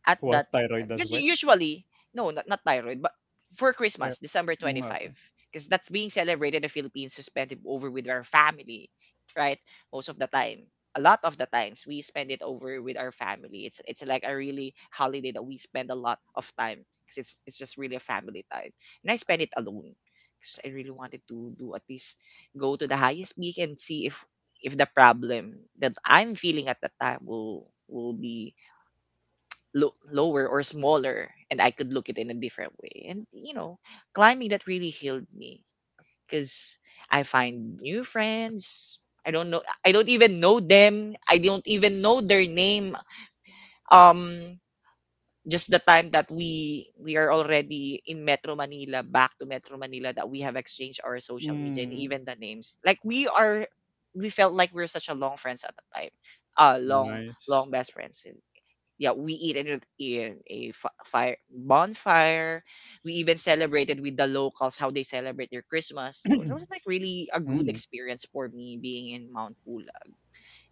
at
Who
that time.
thyroid as
Because
well?
usually, no, not thyroid, but for
Ay
Christmas, December
oo nga ba?
25, because that's being celebrated in the Philippines to spend it over with our family, right? Most of the time. A lot of the times we spend it over with our family. It's like a really holiday that we spend a lot of time because it's just really a family time. And I spend it alone because I really wanted to do at least go to the highest peak and see if the problem that I'm feeling at the time will be look lower or smaller and I could look at it in a different way. And climbing that really healed me because I find new friends. I don't know. I don't even know them. I don't even know their name. Um just the time that we are already in Metro Manila, back to Metro Manila that we have exchanged our social media and
Mm,
even the names. Like we felt like we are such a long friends at the time. Uh long
nice.
long best friends, yeah, we eat in a fire bonfire. We even celebrated with the locals how they celebrate their Christmas. So that was like really a good
Mm,
experience for me being in Mount Pulag.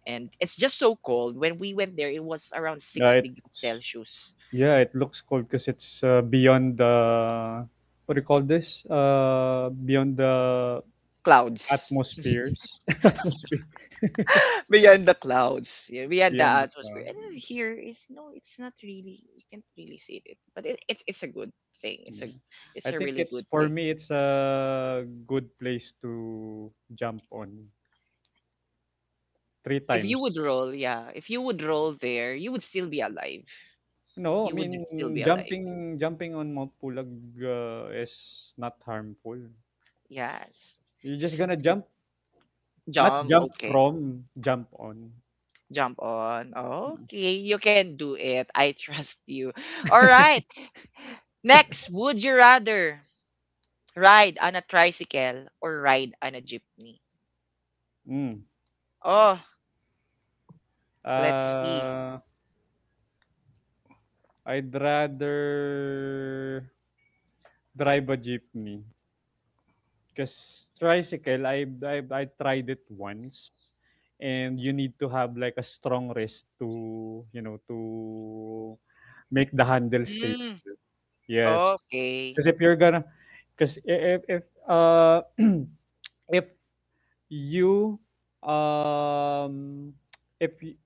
And it's just so cold. When we went there, it was around
yeah,
six
it
degrees Celsius.
looks cool 'cause it's, beyond the what do you call this? Beyond the
Clouds.
atmospheres atmosphere.
Beyond the clouds. Yeah, beyond the
Beyond the
atmosphere.
cloud.
And then here is no, it's not really you can't really see it. But it's a good thing. It's
Yeah.
a
I
it's a
think
really
it's
good
for
thing.
me it's a good place to jump on three
If you
times.
would roll, yeah, if you would roll there, you would still be alive.
No, I
You would still
mean
be alive.
jumping on Mount Pulag is not harmful.
Yes.
You're just
'Cause
gonna
it would
jump, not
jump.
jump
Okay.
from, jump on.
Jump on.
Mm.
Okay. You can do it. I trust you. All right. Next, would you rather ride on a tricycle or ride on a jeepney?
Mm.
Oh, let's see.
Uh, I'd rather drive a jeepney, because tricycle, I I tried it once, and you need to have like a strong wrist to you know to make the handle stay.
Hmm.
Yes,
Okay.
because if you're gonna, because if if if you um if y-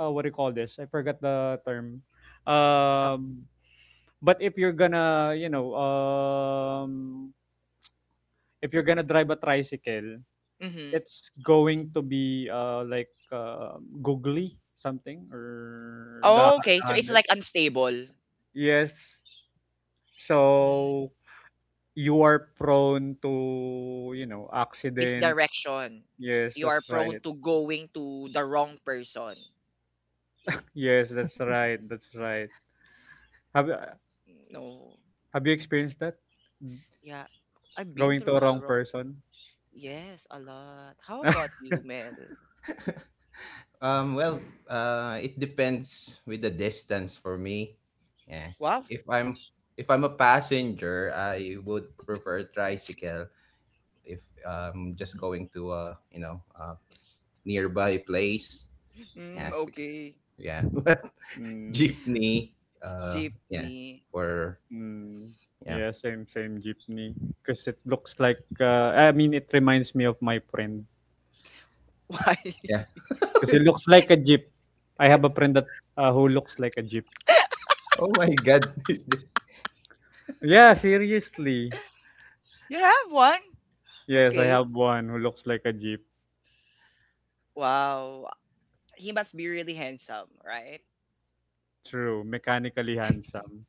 what do you call this? I forgot the term.
Oh,
Um, but if you're gonna you know if you're gonna drive a tricycle,
mhm.
it's going to be like googly something or the
Okay.
the
So it's
hundred.
like unstable.
Yes.
Hmm.
So you are prone to you know accident.
Misdirection.
Yes,
You
that's
are prone
right.
to going to the wrong person.
Yes, that's right. That's right. Have uh,
No.
have you experienced that?
Yeah. I've been
Going to a
through
wrong
the wrong.
person?
Yes, a lot. How about you, Mel?
Well, it depends with the distance for me. Yeah.
Wow.
If I'm if I'm a passenger, I would prefer tricycle. If just going to a you know a nearby place,
Mm,
yeah, because
okay.
yeah,
Mm,
jeepney. Uh, yeah,
Jeepney.
for
mm,
yeah,
yeah, same jeepney. Because it looks like I mean it reminds me of my friend.
Why?
yeah.
Because he looks like a jeep. I have a friend that who looks like a jeep.
Oh my God,
Yeah, seriously.
You have one?
Yes, I have
Okay.
one who looks like a jeep.
Wow. He must be really handsome, right?
True, mechanically handsome.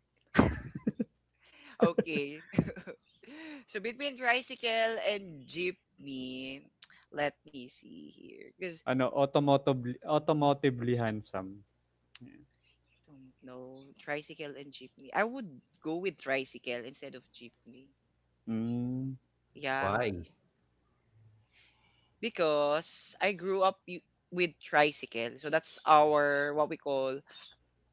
Okay. So between tricycle and jeepney, let me see here. Because.
Ano, automotively handsome. Yeah.
Don't know. Tricycle and jeepney. I would go with tricycle instead of jeepney.
Mm,
Yeah,
Why?
because I grew up with tricycle. So that's our what we call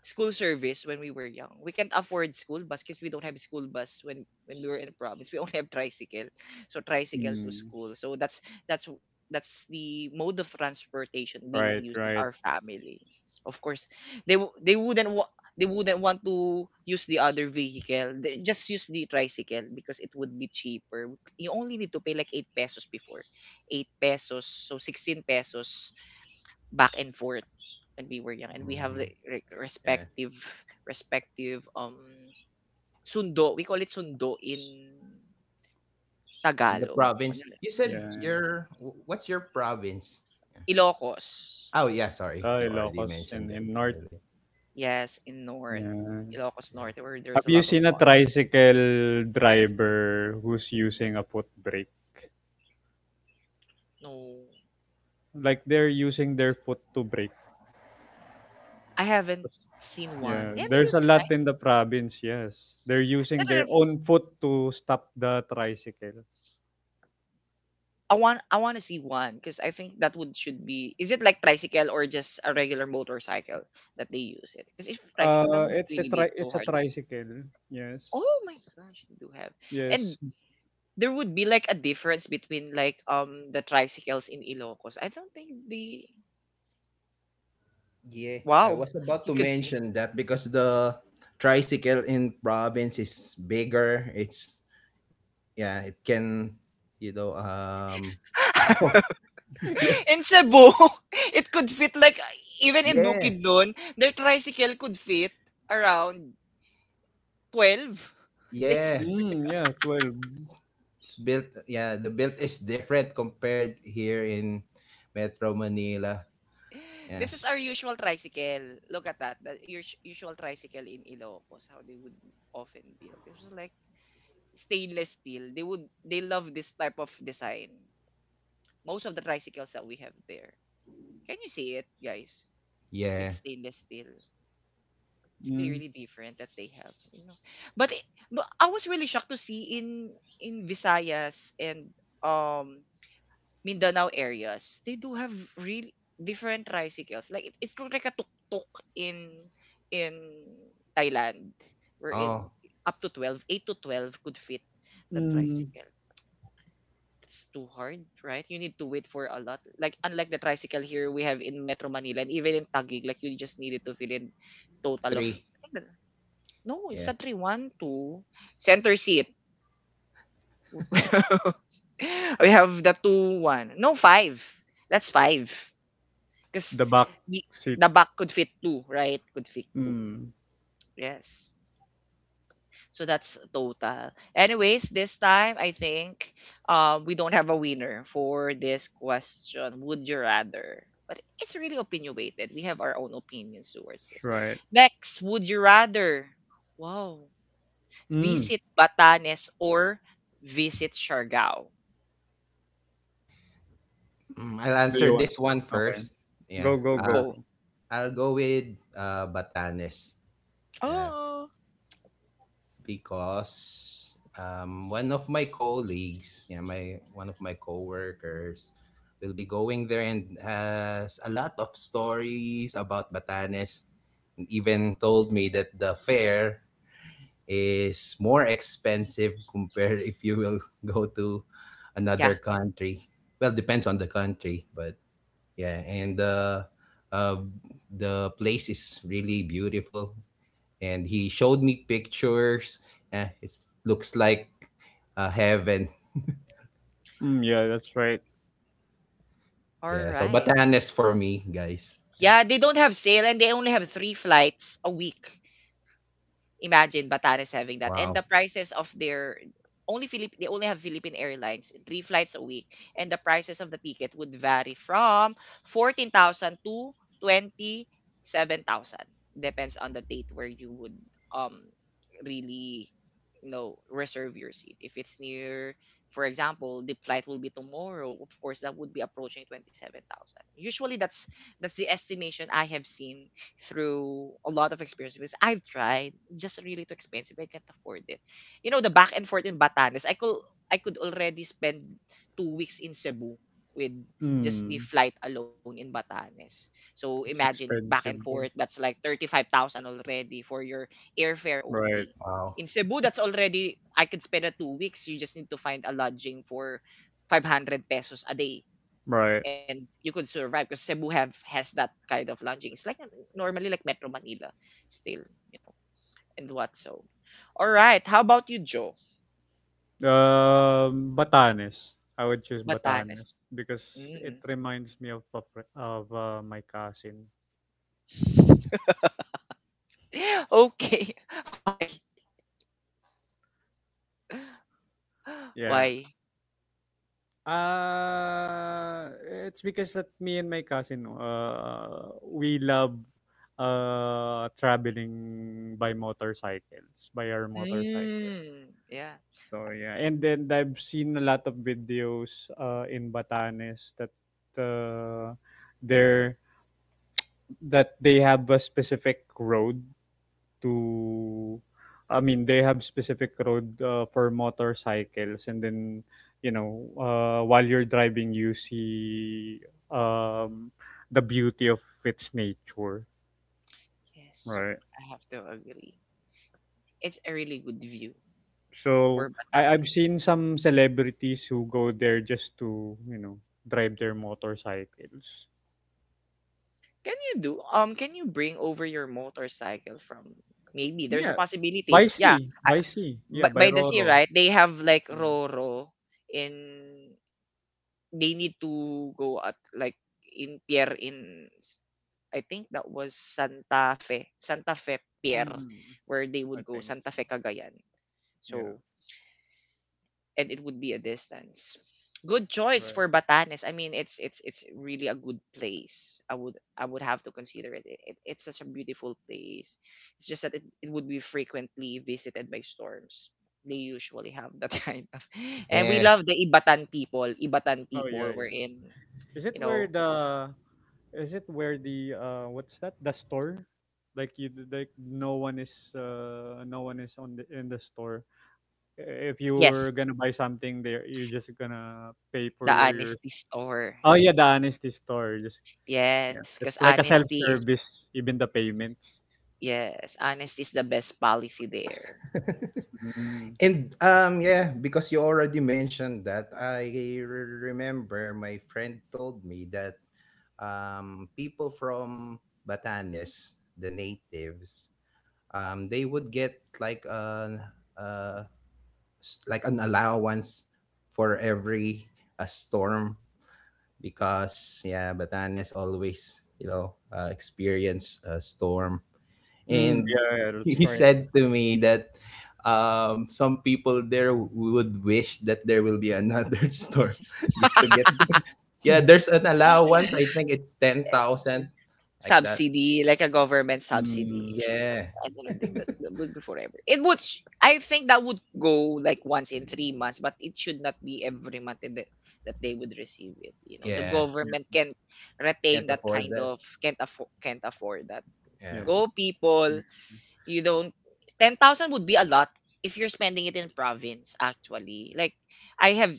school service when we were young. We can't afford school bus because we don't have school bus when we were in province. We only have tricycle, so tricycle to
mm.
school. So that's that's the mode of transportation being
Right,
used in
right.
our family. Of course, they wou- they wouldn't wa- they wouldn't want to use the other vehicle. They just use the tricycle because it would be cheaper. You only need to pay like 8 pesos before, 8 pesos, so 16 pesos back and forth when we were young and we have
Mhm.
like re-
Yeah,
respective respective sundo. We call it sundo in
in the
Tagalog. Ano
province.
yun?
You said
Yeah.
your what's your province? Yeah.
Ilocos.
Oh yeah, sorry.
Ah,
You already
Ilocos
mentioned that
in North.
earlier.
Yes, in North.
Yeah.
Ilocos
Yeah.
North, where there's
Have
a
you
lot of
seen a
farm.
tricycle driver who's using a foot brake?
No,
Like they're using their foot to brake.
I haven't seen one.
Yeah,
Maybe you
there's a
try.
lot in the province, yes. They're using
Instead
their
of-
own foot to stop the tricycle.
I want to see one because I think that would should be, is it like tricycle or just a regular motorcycle that they use it? Because if tricycle, that would really be too
It's a
hard.
tricycle. Yes.
Oh my gosh, you do have.
Yes.
And there would be like a difference between like the tricycles in Ilocos. I don't think the.
Yeah, I
Wow,
was about
you
to
could see.
mention that because the tricycle in province is bigger. It's yeah, it can you know um oh, yeah.
In Cebu, it could fit like, even in
Yeah.
Bukidnon, their tricycle could fit around 12. They can—.
Yeah.
Mm, yeah, 12.
It's built yeah, the build is different compared here in Metro Manila. Yeah.
This is our usual tricycle. Look at that. The your usual tricycle in Ilocos, how they would often build. It was like stainless steel. They love this type of design. Most of the tricycles that we have there. Can you see it, guys? With
Yeah.
stainless steel, it's clearly
Mm,
different that they have. But I was really shocked to see in Visayas and um Mindanao areas, they do have real different tricycles. Like it's look like a tuk-tuk in in Thailand, wherein
Oh,
up to 12, 8 to 12 could fit the
mm.
tricycle. It's too hard, right? You need to wait for a lot. Like unlike the tricycle here we have in Metro Manila and even in Taguig, like you just needed to fill in total of
three.
I think that, no, it's
Yeah.
a 3-1-2 center seat. We have the 2-1 no five. That's five
The
because
back
the
seat.
the back could fit two, right? Could fit two.
Mm,
Yes. So that's total. Anyways, this time I think we don't have a winner for this question. Would you rather? But it's really opinionated. We have our own opinions towards this.
that's right.
Next, would you rather? Wow.
Mm,
Visit Batanes or visit Siargao?
I'll
do
answer
you want?
this one
Okay.
first. Yeah.
Go, go, go,
Go.
go.
I'll go with Batanes. Yeah,
Oh.
because one of my colleagues, yeah, my one of my coworkers, will be going there and has a lot of stories about Batanes. And even told me that the fare is more expensive compared if you will go to
Yeah.
another country. Well, depends on the country, but yeah, and uh, the place is really beautiful and he showed me pictures. It looks like heaven.
Mm, yeah, that's right.
All
Yeah, so
right.
Batanes for me, guys. Yeah.
Yeah, they don't have sale and they only have three flights a week. Imagine Batanes having that. And the
Wow.
prices of their only Philip they only have Philippine Airlines, three flights a week, and the prices of the ticket would vary from 14,000 to 27,000. Depends on the date where you would um really reserve your seat. If it's near, for example, the flight will be tomorrow, of course that would be approaching 27,000. Usually that's the estimation I have seen through a lot of experience because I've tried, it's just really too expensive. I can't afford it. You know, the back and forth in Batanes, I could already spend 2 weeks in Cebu with just the
Mm,
flight alone in Batanes. So
it's
imagine back and
expensive
forth.
there.
That's like 35,000 already for your airfare
Right,
only.
Wow.
In Cebu, that's already, I could spend a 2 weeks. You just need to find a lodging for 500 pesos a day
right.
and you could survive because Cebu have has that kind of lodging. It's like normally like Metro Manila still, you know, and what so. All right, how about you, Joe?
Batanes. I would choose Batanes
Batanes.
because it
Mm.
reminds me of my cousin.
okay. Why?
Yeah.
Why?
It's because that me and my cousin we love traveling by our motorcycle.
Mm. Yeah.
So yeah, and then I've seen a lot of videos in Batanes that uh there that they have a specific road to, I mean, they have specific road for motorcycles, and then you know, while you're driving, you see um, the beauty of its nature,
Yes.
right?
I have to agree. It's a really good view for
So I've
Batanes.
seen some celebrities who go there just to you know drive their motorcycles.
Can you do can you bring over your motorcycle from, maybe there's a
Yeah,
possibility. Yeah,
by sea,
by,
yeah, by
the sea,
Roro.
right? They have like
Yeah.
Roro, and they need to go at like in pier in, I think that was Santa Fe, Santa Fe Pier,
Mm,
where they would
I
go
think
Santa
so.
Fe Cagayan.
Yeah,
So and it would be a distance. Good choice
right.
for Batanes. I mean, it's it's really a good place. I would, have to consider it. It it's such a beautiful place. It's just that it would be frequently visited by storms. They usually have that kind of, and we
Yeah.
love the Ibatan people. Ibatan
Oh
people
yeah,
were
yeah.
in,
Is it
you
where
know,
the Is it where the what's that? The store? Like like no one is no one is on the in the store. If you were
yes,
gonna buy something there, you're just gonna pay
the
for your
honesty store.
Oh
Y-
yeah, the honesty store. Just yeah.
Yes, because
It's like a self
honesty is,
service, even the payments.
yes, honesty is the best policy there.
Mm.
And yeah, because you already mentioned that, I remember my friend told me that people from Batanes, the natives, they would get like uh like an allowance for every a storm because yeah, Batanes always experience a storm,
Mm,
and
yeah, yeah, that's
he
right.
said to me that some people there would wish that there will be another storm just to get because yeah, there's an allowance. I think it's ten thousand, like that.
subsidy, like a government subsidy.
Mm,
Actually, but
Yeah,
I don't think that, would be forever. It would, sh- I think that would go like once in 3 months, but it should not be every month in the, that they would receive it. You know, the
yeah,
government
yeah,
can't retain
can't
that
afford
kind
that.
of, can't afford, that.
yeah,
Yeah,
but,
Go people,
yeah,
you don't. 10,000 would be a lot if you're spending it in province. Actually, like I have,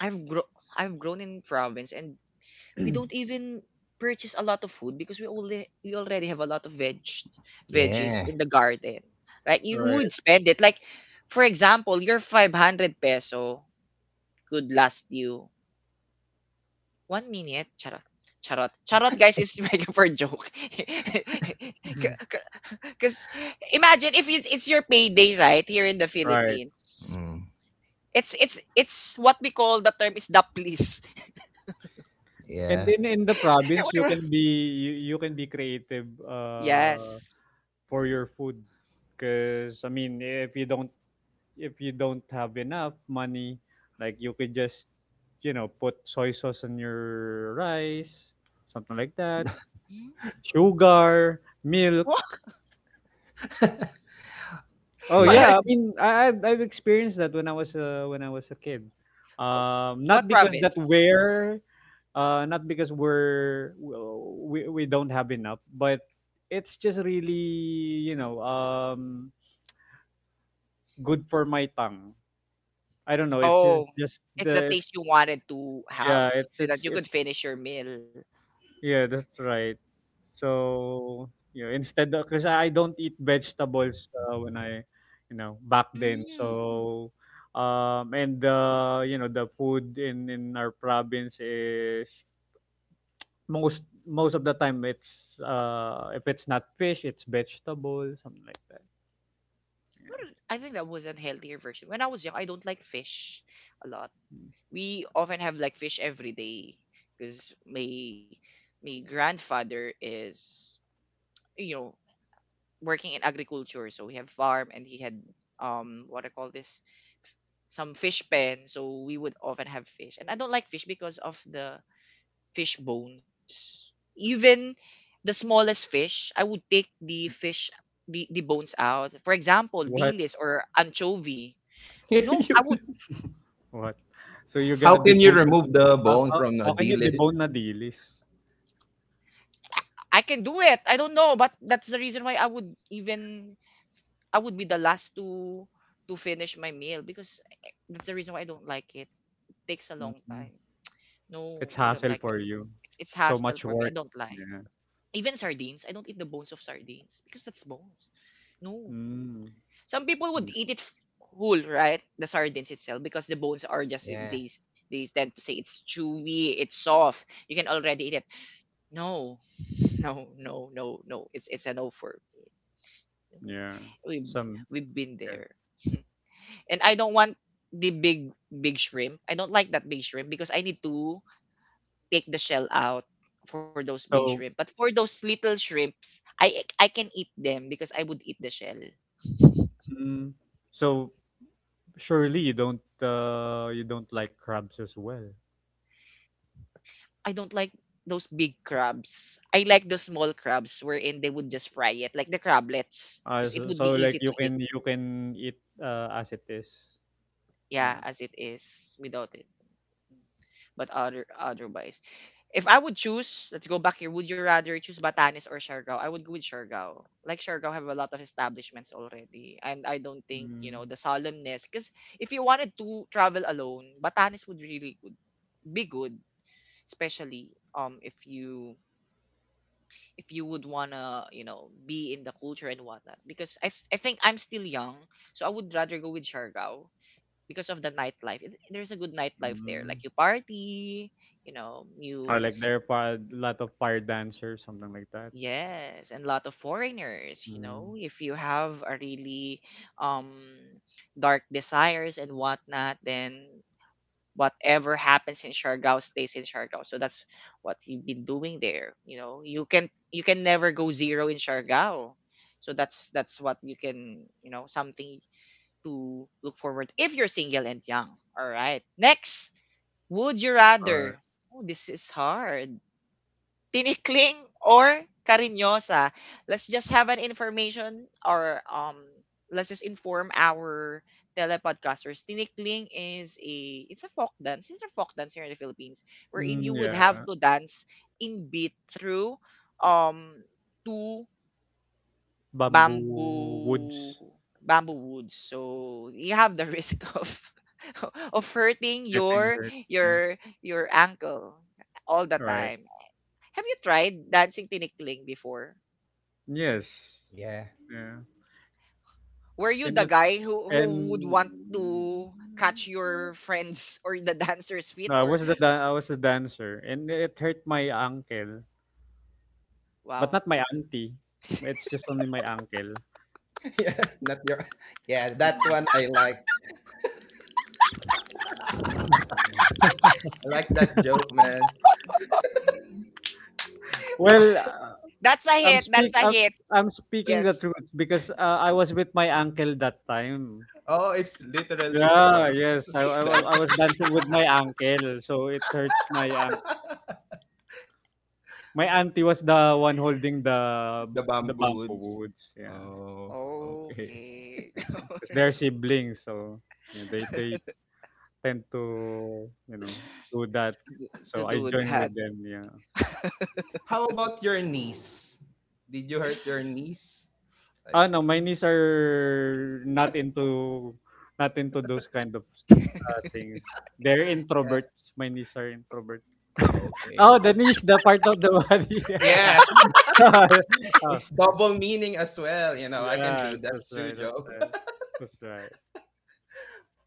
I've grown. I've grown in province and we don't even purchase a lot of food because we already have a lot of veggies
yeah,
in the garden. Like you
right,
would spend it. Like for example, your 500 peso could last you 1 minute. Charot. Charot. Charot guys is making for a joke.
Mhm.
Cause imagine if it's your payday, right? Here in the
right.
Philippines.
mm,
It's it's what we call, the term is the please.
And
yeah,
then in the province, you can be you can be creative.
yes.
For your food, because I mean if you don't have enough money, like you could just you know put soy sauce on your rice, something like that,
Hmm?
sugar milk. Oh
yeah.
What?
yeah, I mean I've experienced that when I was a kid,
Oh,
not
what
because that
province?
we're not because we're, well, we don't have enough, but it's just really you know good for my tongue. I don't know. It's
Oh, it's the taste you wanted to have
yeah.
so that you could
It's
finish your meal.
yeah. That's right. So you know, instead of because I don't eat vegetables when I you know back then.
Mm.
So and you know the food in our province is most most of the time it's if it's not fish it's vegetable, something like that. Yeah.
Well, I think that was a healthier version. When I was young, I don't like fish a lot. We often have like fish every day because my grandfather is, you know, working in agriculture, so we have farm and he had what I call this f- some fish pen, so we would often have fish. And I don't like fish because of the fish bones. Even the smallest fish, I would take the fish the bones out. For example,
What
dilis or anchovy. No, I would,
You-
what? So you're
How
gonna
can you
debone?
remove the bone from a
How can
D
you debone na dilis?
I can do it. I don't know, but that's the reason why I would even, I would be the last to finish my meal because I- that's the reason why I don't like it. Takes a long
Mhm.
time.
It's
No, I don't
hassle
like
for
it.
you.
It's
So
hassle
much
for me. I
work.
don't like.
Yeah.
Even sardines, I don't eat the bones of sardines because that's bones. No,
Mm.
some people would
Yeah.
eat it f- whole, right? The sardines itself because the bones are just,
Yeah,
they tend to say it's chewy, it's soft. You can already eat it. No, no, no, no, no. It's a no for me.
Yeah.
We've
Some.
been
Yeah.
there, and I don't want the big big shrimp. I don't like that big shrimp because I need to take the shell out for those big
So.
shrimp. But for those little shrimps, I can eat them because I would eat the shell.
Mm, so surely you don't. You don't like crabs as well.
I don't like those big crabs. I like the small crabs wherein they would just fry it, like the crablets, because it
So, so
would be
like
easy to eat.
you can eat as it is. Yeah.
Yeah, as it is without it. But otherwise, if I would choose, let's go back here. Would you rather choose Batanes or Siargao? I would go with Siargao. Like Siargao have a lot of establishments already, and I don't think you
Mm.
know the solemnness. Because if you wanted to travel alone, Batanes would really good, be good, especially if you, would wanna, you know, be in the culture and whatnot. Because I, th- I think I'm still young, so I would rather go with Siargao because of the nightlife. There's a good nightlife there.
Mm.
Like you party, you know,
Or
you,
like there are lot of fire dancers, something like that.
yes, and a lot of foreigners. You
Mm.
know, if you have a really um dark desires and whatnot, then whatever happens in Siargao stays in Siargao. So that's what you've been doing there. You know, you can never go zero in Siargao. So that's what you can, you know, something to look forward if you're single and young. All right. Next, would you rather?
Or
Oh, this is hard, tinikling or cariñosa. Let's just have an information or let's just inform our telepodcasters. Tinikling is a it's a folk dance. It's a folk dance here in the Philippines wherein you
mm,
would have
yeah,
to dance in beat through um two
bamboo woods
bamboo bamboo woods. So you have the risk of of hurting
getting
your
hurt. Yeah.
your your ankle all the
Right.
time. Have you tried dancing tinikling before?
Yes.
yeah,
Yeah.
Were you
and
the
it-
guy who would
and
want to catch your friends or the dancer's feet
no, I
or
was I was a dancer, and it hurt my ankle, but
wow.
not my auntie. It's just only my ankle.
yeah. Not your, yeah. That one I like.
Mm.
I like that joke, man.
Well,
That's a hit. That's a hit.
I'm speaking the
Yes.
truth because I was with my uncle that time.
Oh, it's literally your
Yeah, yes,
arms
I was
dancing
dancing with my uncle, so it hurt my ankle. My auntie was the one holding the
the
the
bamboo
bamboo
woods.
woods. Yeah.
Oh, okay.
Okay.
Yeah, because
All
'cause they're
right.
siblings, so, you know, they tend to, you know, do that.
To
So I
do
join
that.
with them, yeah.
How about your niece? Did you hurt your niece? Like,
Ah, no, my niece are not into those kind of things. They're
yeah,
introverts. My niece are introverts.
okay.
Oh, the niece, the part of the body.
Yeah,
Yeah. Oh,
it's double meaning as well. You know, I can do
yes,
that
that's
too,
right. That's
Joe.
right. That's right.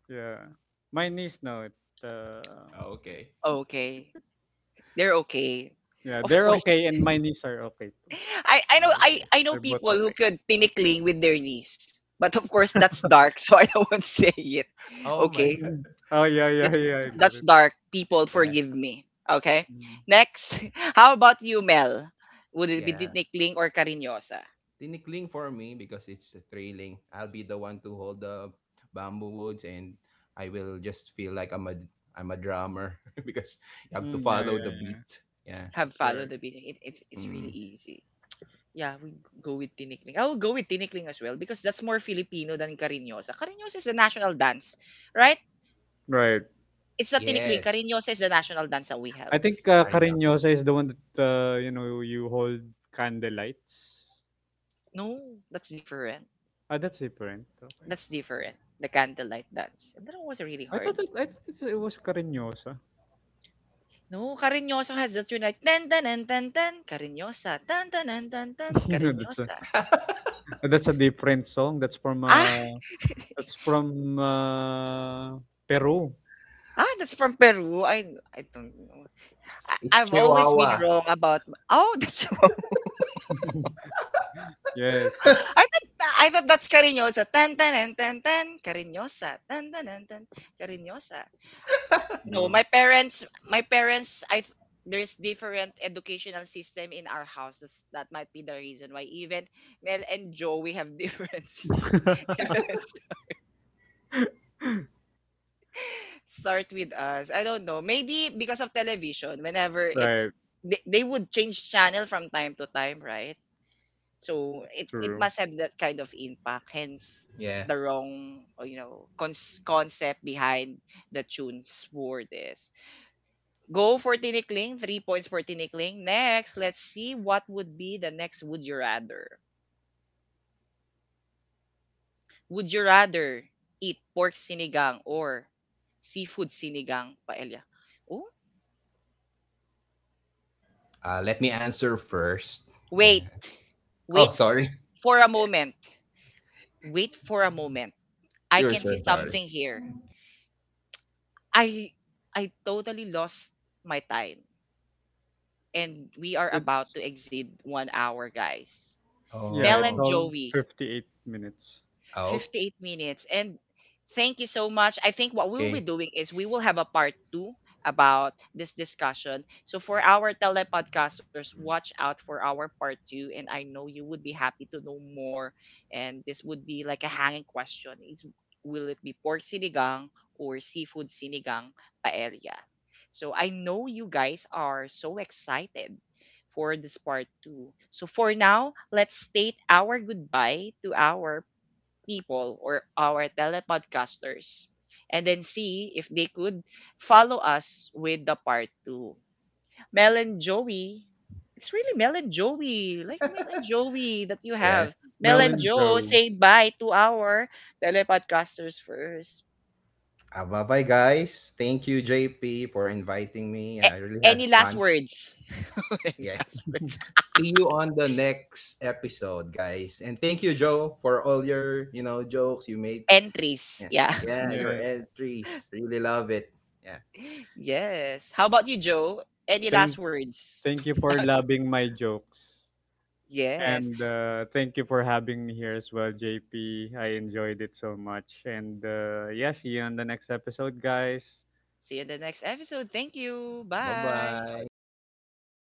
Yeah. My niece, no, it, uh,
okay,
Okay. They're okay.
yeah,
Of
they're
course.
okay, and my niece are okay too.
I know,
okay.
I know
They're both
people who
okay.
could tinikling with their knees. But of course that's dark, so I don't want to say it.
Oh my
Okay.
God.
Mhm. Oh yeah, yeah,
That's
yeah. I get it.
dark. People
Yeah,
forgive me. Okay.
Mm.
Next, how about you, Mel? Would it be
yeah.
tinikling or cariñosa?
Tinikling for me because it's thrilling. I'll be the one to hold the bamboo woods and I will just feel like I'm a drummer because you have to
Mm, yeah,
follow the
yeah, yeah.
beat. Yeah.
Have
That's
followed
right.
the video. It's
Mm.
really easy. Yeah, we go with tinikling. I will go with tinikling as well because that's more Filipino than cariñosa. Cariñosa is the national dance, right?
Right.
It's not tinikling.
Yes.
Cariñosa is the national dance that we have.
I think
Arnyo.
Cariñosa is the one that you know you hold candlelights.
No, that's different.
Ah, that's different. Okay.
That's different. The candlelight dance. And that one was really hard.
I thought it's, it was Cariñosa.
No, Cariñosa has that tune unite ten ten ten ten ten Cariñosa ten ten ten ten ten
No,
Cariñosa.
that's a different song.
Ah,
That's from Peru.
ah, that's from Peru. I don't know. I,
It's
I've always been
Chihuahua.
wrong about. Oh, that's.
Yes. That's,
I thought, that's Cariñosa ten ten ten ten ten Cariñosa ten ten ten ten Cariñosa. No,
no.
my parents, I th- there's different educational system in our house. That's, that might be the reason why even Mel and Joe we have difference. start with us. I don't know. Maybe because of television, whenever
Right.
it's, they, would change channel from time to time, right? So it
True.
must have that kind of impact. Hence
Yeah.
the wrong you know, concept behind the tunes for this. Go for tinikling, three points for tinikling. Next, let's see what would be the next would you rather. Would you rather eat pork sinigang or seafood sinigang paella?
Let me answer first.
Wait,
Yeah. Oh,
wait f-
sorry.
for a moment. Wait for a moment. I
Sure,
can see
sure, sorry.
something here. I I totally lost my time. And we are
It's
about to exceed 1 hour, guys.
yeah.
Mel
It's
and
Oh,
all
Joey,
58 minutes.
58
okay.
minutes. And thank you so much. I think what we'll be doing is we will have a part two about this discussion. So for our telepodcasters, watch out for our part two. And I know you would be happy to know more. And this would be like a hanging question is, will it be pork sinigang or seafood sinigang paella? So I know you guys are so excited for this part two. So for now, let's state our goodbye to our people or our telepodcasters and then see if they could follow us with the part two. Mel and Joey, it's really Mel and Joey, like Mel and Joey that you
Yeah.
have. Mel
Marilyn
and Joe,
Joe.
say bye to our telepodcasters first.
Bye bye, guys. Thank you, JP, for inviting me. I
A-
really had
any last
fun.
words? any
Yeah.
last words?
See you on the next episode, guys. And thank you, Joe, for all your jokes you made.
Entries,
Yeah.
yeah.
Yeah,
Yes.
your entries. Really love it. Yeah.
Yes. How about you, Joe? Any
Thank
last words?
thank you for
last words.
loving my jokes. And
Yes.
thank you for having me here as well, JP. I enjoyed it so much. And yeah, see you on the next episode, guys.
See you in the next episode. Thank you. Bye.
Bye-bye.
Bye.